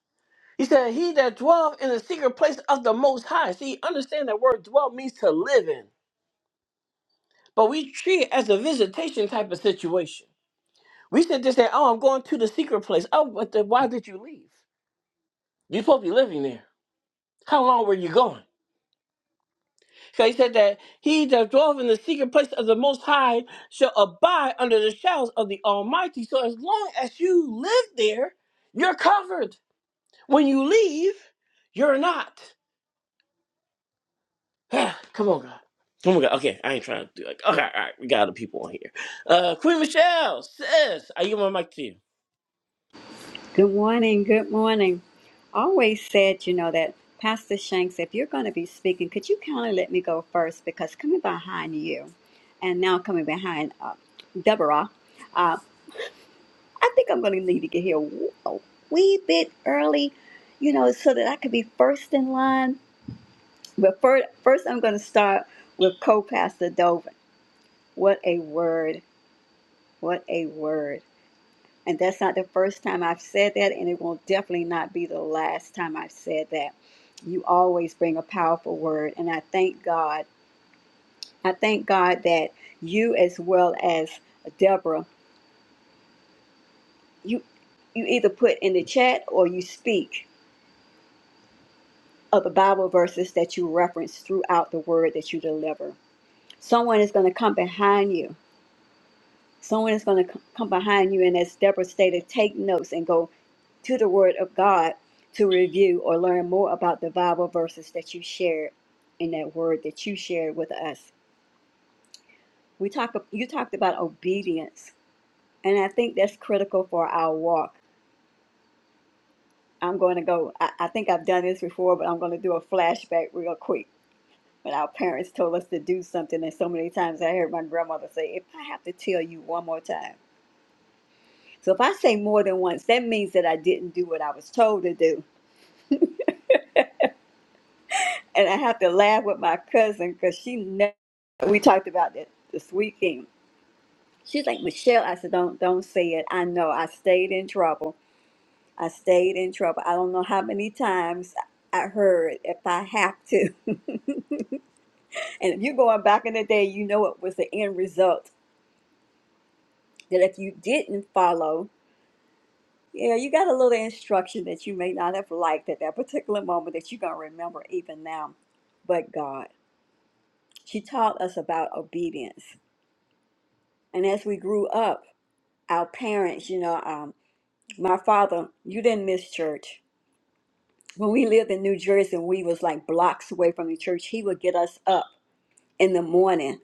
Speaker 1: He said, He that dwelleth in the secret place of the Most High. See, understand that word dwell means to live in. But we treat it as a visitation type of situation. We should just say, Oh, I'm going to the secret place. Oh, but then why did you leave? You're supposed to be living there. How long were you going? So he said that he that dwelleth in the secret place of the Most High shall abide under the shadows of the Almighty. So as long as you live there, you're covered. When you leave, you're not. *sighs* Come on, God. Oh my God. Okay, I ain't trying to do like. Okay, all right. We got other people on here. Uh, Queen Michelle says, "I give my mic to you."
Speaker 4: Good morning. Good morning. Always said, you know, that Pastor Shanks, if you're going to be speaking, could you kindly let me go first? Because coming behind you and now coming behind uh, Deborah, uh, I think I'm going to need to get here a wee bit early, you know, so that I could be first in line. But first, first I'm going to start with co pastor Dovin. What a word. What a word. And that's not the first time I've said that, and it will definitely not be the last time I've said that. You always bring a powerful word, and I thank God. I thank God that you, as well as Deborah, you you either put in the chat or you speak of the Bible verses that you reference throughout the word that you deliver. Someone is going to come behind you Someone is going to come behind you, and as Deborah stated, take notes and go to the Word of God to review or learn more about the Bible verses that you shared in that word that you shared with us. We talk. You talked about obedience, and I think that's critical for our walk. I'm going to go. I, I think I've done this before, but I'm going to do a flashback real quick. When our parents told us to do something, and so many times I heard my grandmother say, "If I have to tell you one more time." So if I say more than once, that means that I didn't do what I was told to do. And I have to laugh with my cousin because she never, we talked about that this weekend. She's like, Michelle, I said, don't, don't say it. I know I stayed in trouble. I stayed in trouble. I don't know how many times I heard if I have to. *laughs* and if you're going back in the day, you know it was the end result that if you didn't follow Yeah, you got a little instruction that you may not have liked at that particular moment that you're going to remember even now. But God, she taught us about obedience. And as we grew up, our parents, you know, um, my father, you didn't miss church. When we lived in New Jersey and we was like blocks away from the church, he would get us up in the morning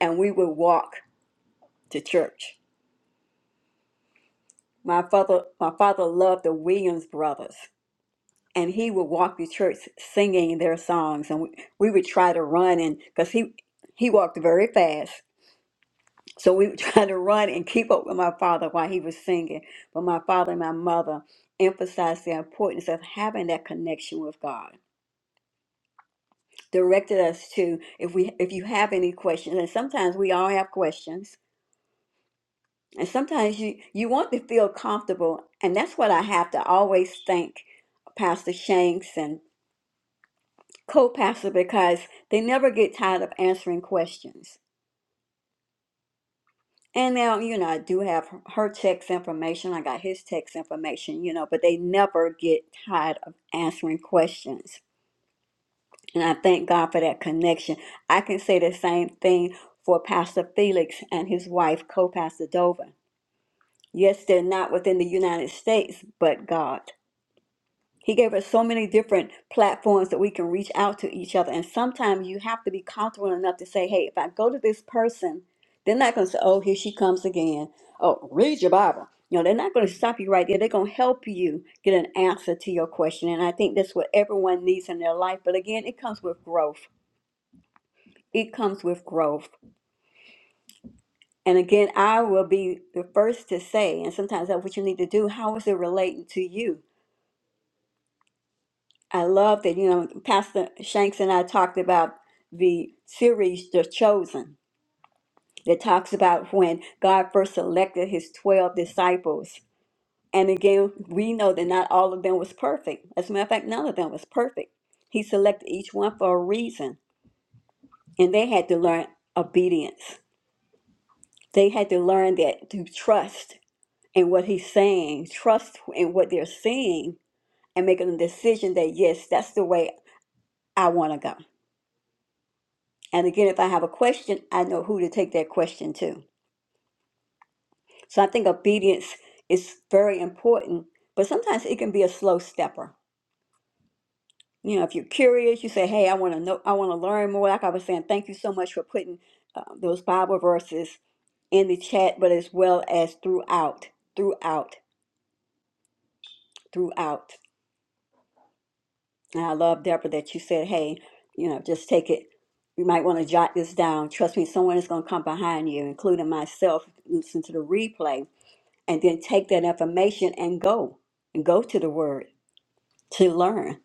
Speaker 4: and we would walk to church. My father, my father loved the Williams brothers. and he would walk the church singing their songs and we, we would try to run and because he he walked very fast so we would *laughs* try to run and keep up with my father while he was singing but my father and my mother emphasized the importance of having that connection with god directed us to if we if you have any questions and sometimes we all have questions and sometimes you you want to feel comfortable and that's what i have to always thank pastor shanks and. co-pastor because they never get tired of answering questions. And now, you know, I do have her text information. I got his text information, you know, but they never get tired of answering questions. And I thank God for that connection. I can say the same thing for Pastor Felix and his wife, co-pastor Dover. Yes, they're not within the United States, but God. He gave us so many different platforms that we can reach out to each other. And sometimes you have to be comfortable enough to say, hey, if I go to this person, they're not going to say, oh, here she comes again. Oh, read your Bible. You know, they're not going to stop you right there. They're going to help you get an answer to your question. And I think that's what everyone needs in their life. But again, it comes with growth. It comes with growth. And again, I will be the first to say, and sometimes that's what you need to do. How is it relating to you? I love that, you know, Pastor Shanks and I talked about the series, The Chosen, that talks about when God first selected his 12 disciples. And again, we know that not all of them was perfect. As a matter of fact, none of them was perfect. He selected each one for a reason, and they had to learn obedience. They had to learn that to trust in what he's saying, trust in what they're seeing, and making a decision that, yes, that's the way I want to go. And again, if I have a question, I know who to take that question to. So I think obedience is very important, but sometimes it can be a slow stepper. You know, if you're curious, you say, "Hey, I want to know. I want to learn more." Like I was saying, thank you so much for putting uh, those Bible verses in the chat, but as well as throughout, throughout, throughout. And I love Deborah that you said, "Hey, you know, just take it you might want to jot this down. Trust me, someone is going to come behind you, including myself, listen to the replay. and then take that information and go and go to the word to learn.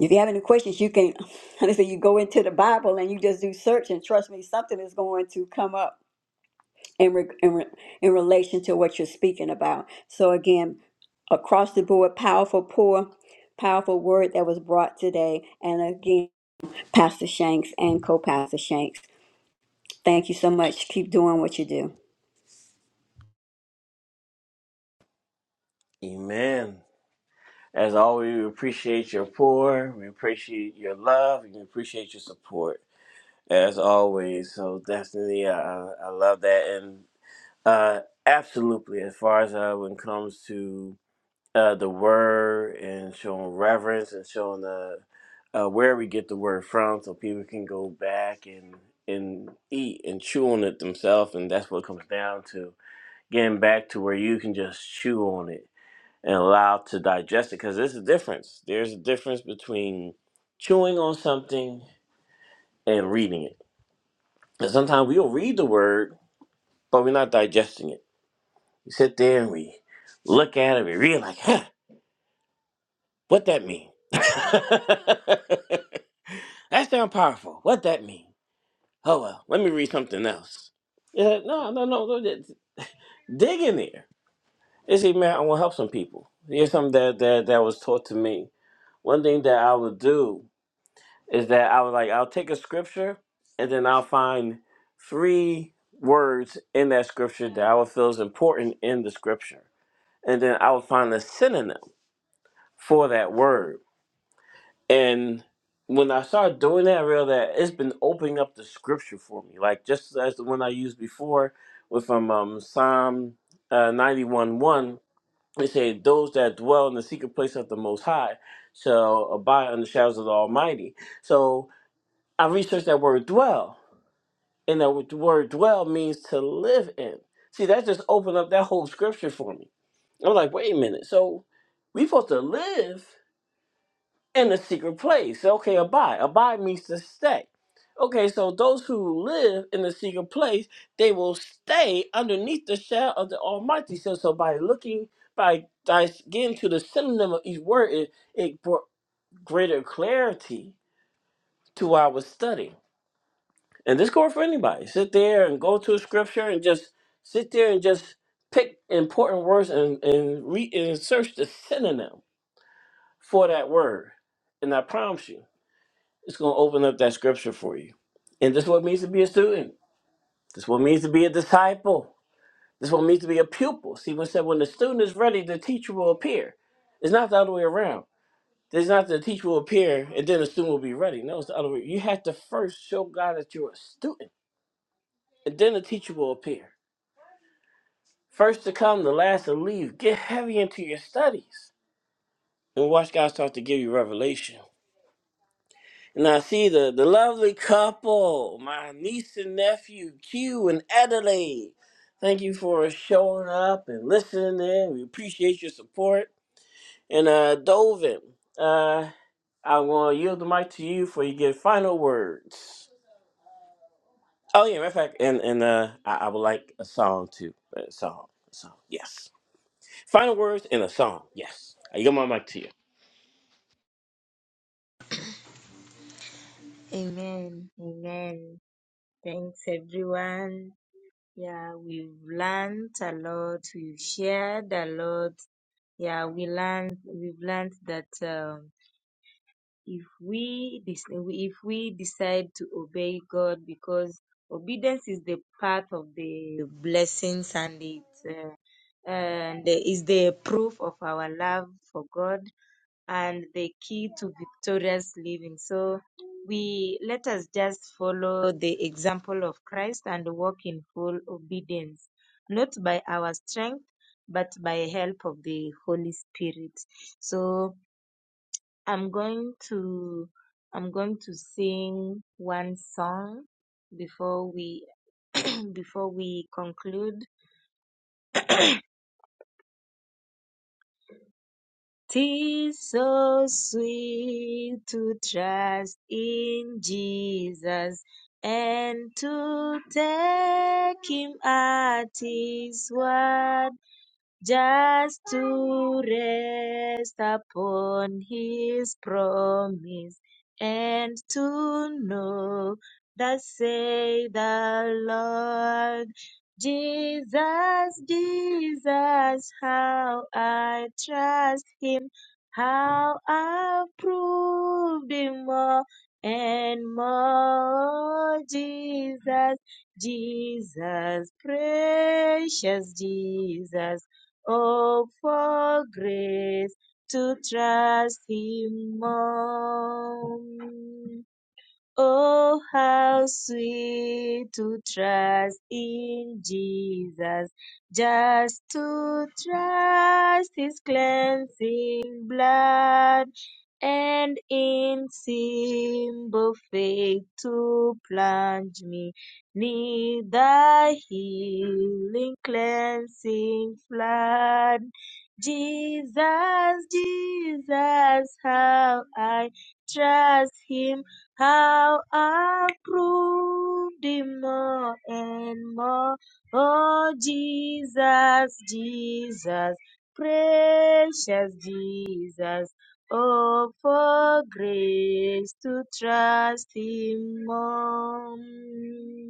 Speaker 4: If you have any questions, you can *laughs* honestly you go into the Bible and you just do search and trust me, something is going to come up in re, in, re, in relation to what you're speaking about. So again, across the board, powerful poor, powerful word that was brought today. And again, Pastor Shanks and co-pastor Shanks, thank you so much. Keep doing what you do,
Speaker 1: Amen. As always, we appreciate your pour. We appreciate your love. And we appreciate your support. As always. So definitely, I I I love that. And uh, absolutely, as far as uh, when it comes to uh, the word and showing reverence and showing the uh, where we get the word from, so people can go back and and eat and chew on it themselves, and that's what it comes down to getting back to where you can just chew on it and allow to digest it, because there's a difference. There's a difference between chewing on something and reading it. And sometimes we'll read the word, but we're not digesting it. We sit there and we look at it, we read like, huh, what that mean? *laughs* That sound powerful. What that mean? Oh well, let me read something else. It's like, no, no, no, no. just Dig in there. It's like, man, I want to help some people. Here's something that, that that was taught to me. One thing that I would do is that I would like I'll take a scripture and then I'll find three words in that scripture that I would feel is important in the scripture, and then I would find a synonym for that word And when I started doing that, I realized that it's been opening up the scripture for me. Like just as the one I used before with um, um Psalm uh, 91 1, it said, Those that dwell in the secret place of the Most High shall abide under the shadows of the Almighty. So I researched that word dwell. And that word word dwell means to live in. See, that just opened up that whole scripture for me. I'm like, wait a minute. So we supposed to live in the secret place. Okay, abide. Abide means to stay. Okay, so those who live in the secret place, they will stay underneath the shadow of the Almighty. So, so by looking, by, by getting to the synonym of each word, it, it brought greater clarity to what I was studying. And this goes for anybody. Sit there and go to a scripture and just sit there and just pick important words and, and, re- and search the synonym for that word. And I promise you. It's going to open up that scripture for you. And this is what it means to be a student. This is what it means to be a disciple. This is what it means to be a pupil. See, when it said when the student is ready, the teacher will appear. It's not the other way around. It's not the teacher will appear and then the student will be ready. No, it's the other way. You have to first show God that you're a student, and then the teacher will appear. First to come, the last to leave. Get heavy into your studies, and watch God start to give you revelation. And I see the, the lovely couple, my niece and nephew, Q and Adelaide. Thank you for showing up and listening in. We appreciate your support. And uh, Dovin, uh, I want to yield the mic to you for you get final words. Oh yeah, matter of fact, and and uh, I, I would like a song too. A song, a song, yes. Final words and a song, yes. I yield my mic to you.
Speaker 2: Amen. Amen. Thanks, everyone. Yeah, we've learned a lot. We've shared a lot. Yeah, we learned. We've learned that um, if we dis- if we decide to obey God, because obedience is the path of the blessings and it uh, and is the proof of our love for God and the key to victorious living. So we let us just follow the example of Christ and walk in full obedience, not by our strength, but by help of the Holy Spirit. So I'm going to I'm going to sing one song before we *clears throat* before we conclude Tis so sweet to trust in Jesus and to take him at his word just to rest upon his promise and to know that say the Lord Jesus, Jesus, how I trust him, how I've proved him more and more Jesus, Jesus, precious Jesus. Oh, for grace to trust Him more. Oh, how sweet to trust in Jesus, just to trust his cleansing blood, and in simple faith to plunge me 'neath the healing cleansing flood. Jesus, Jesus, how I trust him how I've proved him more and more. Oh, Jesus, Jesus, precious Jesus. Oh, for grace to trust him more.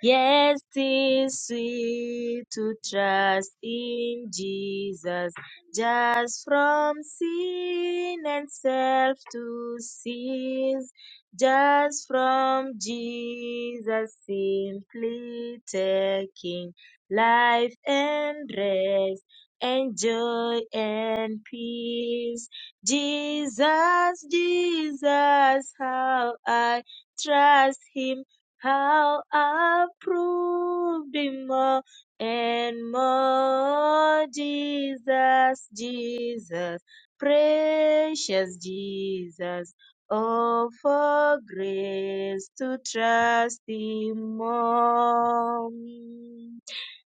Speaker 2: Yes, it's sweet to trust in Jesus, just from sin and self to cease, just from Jesus simply taking life and rest and joy and peace. Jesus, Jesus, how I trust Him how I've proved him more and more. Jesus, Jesus, precious Jesus. Oh, for grace to trust Him more.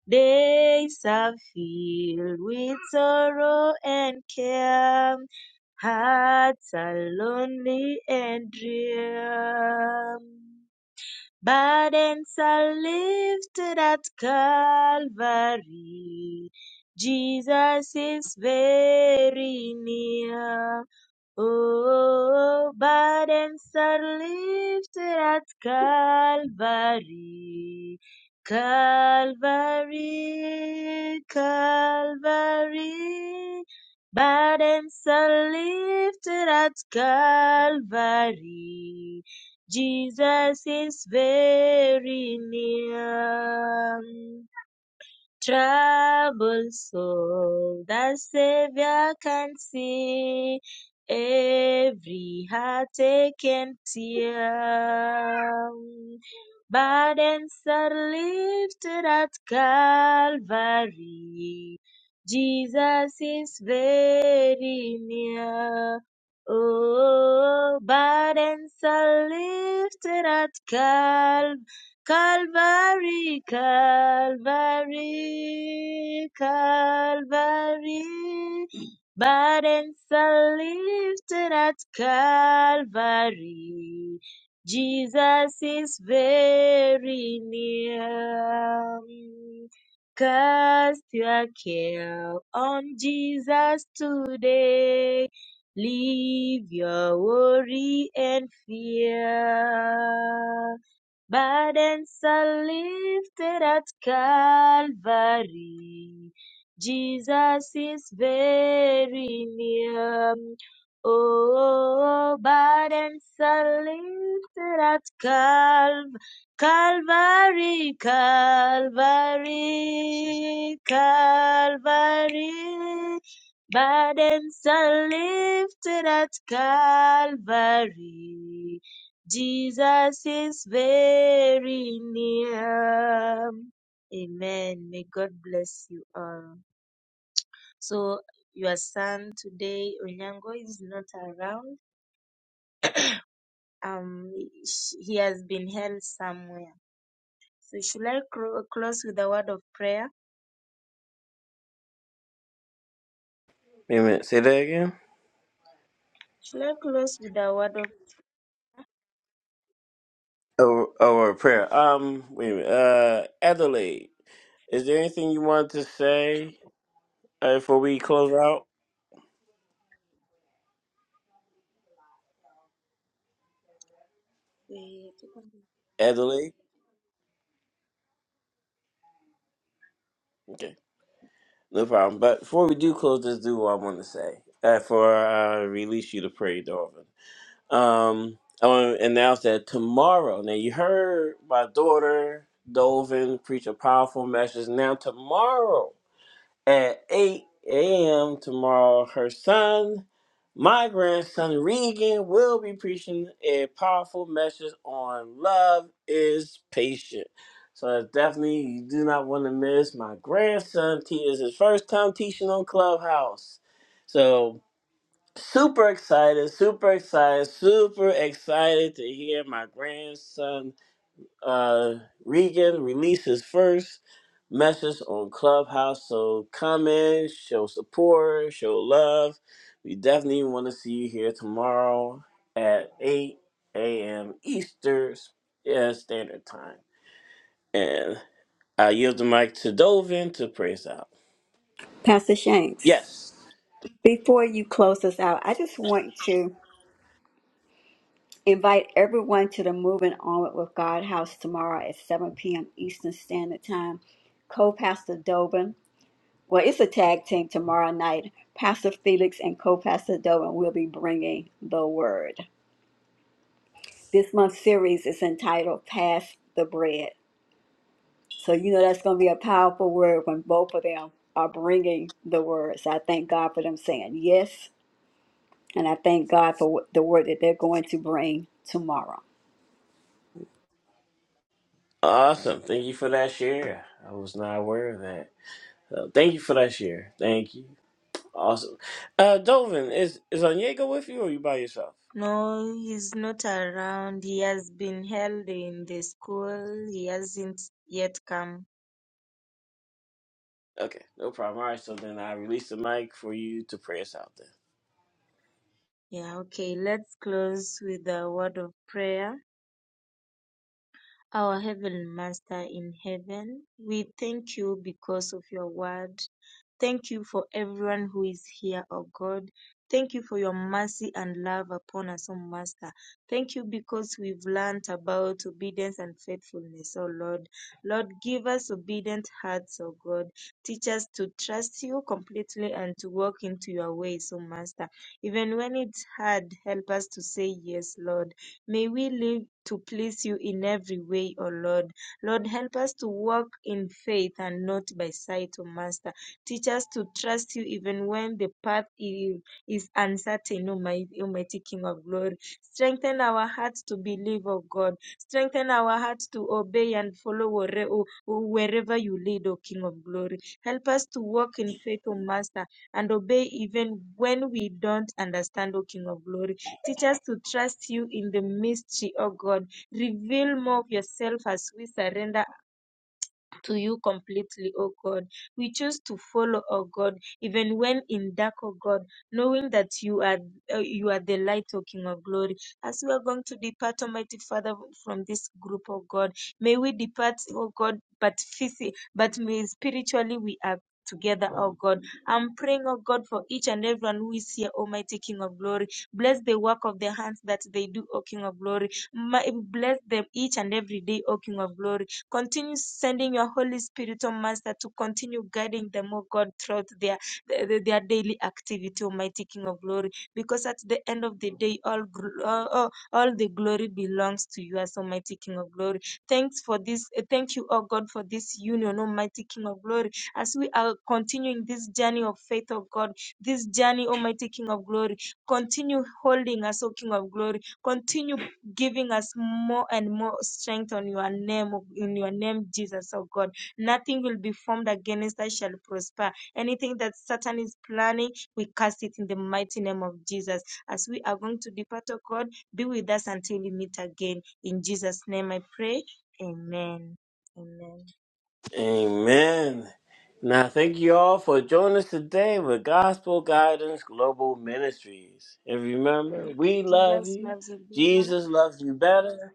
Speaker 2: Days are filled with sorrow and care. Hearts are lonely and drear. Burdens are lifted at Calvary. Jesus is very near. Oh, burdens are lifted at Calvary, Calvary, Calvary. Burdens are lifted at Calvary. Jesus is very near troubled soul, the Savior can see every heartache and tear. Burdens are lifted at Calvary. Jesus is very near. Oh, burdens are lifted at Calvary. Calvary, Calvary, Calvary. Burdens are lifted at Calvary. Jesus is very near. Cast your care on Jesus today. Leave your worry and fear. Burdens are lifted at Calvary. Jesus is very near. Oh, burdens are lifted at Calv- Calvary, Calvary, Calvary. Burdens are lifted at Calvary. Jesus is very near. Amen. May God bless you all. So your son today, Onyango, is not around. Um, sh- he has been held somewhere. So should I clo- close with a word of prayer?
Speaker 1: Wait a minute, say that again.
Speaker 2: Should I close with a word of
Speaker 1: Oh, oh, a prayer. Um, wait a minute. Uh, Adelaide, is there anything you want to say uh, before we close out?
Speaker 2: eh,
Speaker 1: Adelaide? Okay, no problem. But before we do close, let's do what I want to say. Uh, for uh, release you to pray, Darwin. Um, I want to announce that tomorrow. Now you heard my daughter Dolvin preach a powerful message. Now tomorrow. At 8 a.m. tomorrow, her son, my grandson Regan, will be preaching a powerful message on love is patient. So that's definitely you do not want to miss. My grandson te- is his first time teaching on Clubhouse. So super excited, super excited, super excited to hear my grandson uh, Regan releases first message on Clubhouse. So comment, show support, show love. We definitely want to see you here tomorrow at 8 a.m. Eastern yeah, Standard Time. And I yield the mic to Dovin to praise out.
Speaker 4: Pastor Shanks.
Speaker 1: Yes.
Speaker 4: Before you close us out, I just want to. Invite everyone to the Moving Onward with God House tomorrow at 7 p.m. Eastern Standard Time. Co Pastor Dobin, well, it's a tag team tomorrow night. Pastor Felix and Co Pastor Dobin will be bringing the word. This month's series is entitled Pass the Bread. So, you know, that's going to be a powerful word when both of them are bringing the word. So, I thank God for them saying yes. And I thank God for what- the word that they're going to bring tomorrow.
Speaker 1: Awesome. Thank you for that share. I was not aware of that. So thank you for that share. Thank you. Awesome. Uh, Dovin, is, is Onyego with you or you by yourself?
Speaker 2: no, he's not around. He has been held in the school. He hasn't yet come.
Speaker 1: Okay, no problem. All right, so then I release the mic for you to pray us out then.
Speaker 2: Yeah, okay. Let's close with a word of prayer. Our Heavenly Master in heaven, we thank you because of your word. Thank you for everyone who is here, O God. Thank you for your mercy and love upon us, O Master. Thank you because we've learnt about obedience and faithfulness, O Lord. Lord, give us obedient hearts, O God. Teach us to trust you completely and to walk into your ways, O Master. Even when it's hard, help us to say yes, Lord. May we live to please you in every way, O Lord. Lord, help us to walk in faith and not by sight, O Master. Teach us to trust you even when the path i- is uncertain, O Almighty, Almighty King of glory. Strengthen our hearts to believe, O God. Strengthen our hearts to obey and follow where- o- o- wherever you lead, O King of glory. Help us to walk in faith, O Master, and obey even when we don't understand, O King of glory. Teach us to trust you in the mystery, O God. Reveal more of yourself as we surrender to you completely, O God. We choose to follow, O God, even when in dark, O God, knowing that you are uh, you are the light, O King of Glory. As we are going to depart, Almighty Father, from this group, O God, may we depart, O God, but physically, but may spiritually we are. Together, O God. I'm praying, O God, for each and everyone who is here, Almighty King of Glory. Bless the work of the hands that they do, O King of Glory. Ma- Bless them each and every day, O King of Glory Continue sending your Holy Spirit, oh Master, to continue guiding them, oh God, throughout their, their, their daily activity, Almighty King of Glory. Because at the end of the day, all, gl- all, all all the glory belongs to you as Almighty King of Glory. Thanks for this. eh, Thank you, oh God, for this union, Almighty King of Glory. As we are continuing this journey of faith, oh God, this journey, Almighty King of Glory, continue holding us, O King of Glory. Continue giving us more and more strength on your name, in your name, Jesus, oh God. Nothing will be formed against us shall prosper. Anything that Satan is planning, we cast it in the mighty name of Jesus. As we are going to depart, oh God, be with us until we meet again. In Jesus' name I pray. Amen. Amen.
Speaker 1: Amen. Now, thank you all for joining us today with Gospel Guidance Global Ministries. And remember, we love
Speaker 2: Jesus
Speaker 1: you.
Speaker 2: loves you, Bella.
Speaker 1: Jesus loves you better.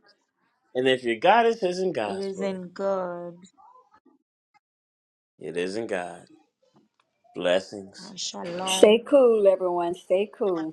Speaker 1: And if your guidance isn't
Speaker 2: It is
Speaker 1: gospel,
Speaker 2: in God.
Speaker 1: it isn't God. Blessings.
Speaker 2: Uh, Shalom.
Speaker 4: Stay cool, everyone. Stay cool.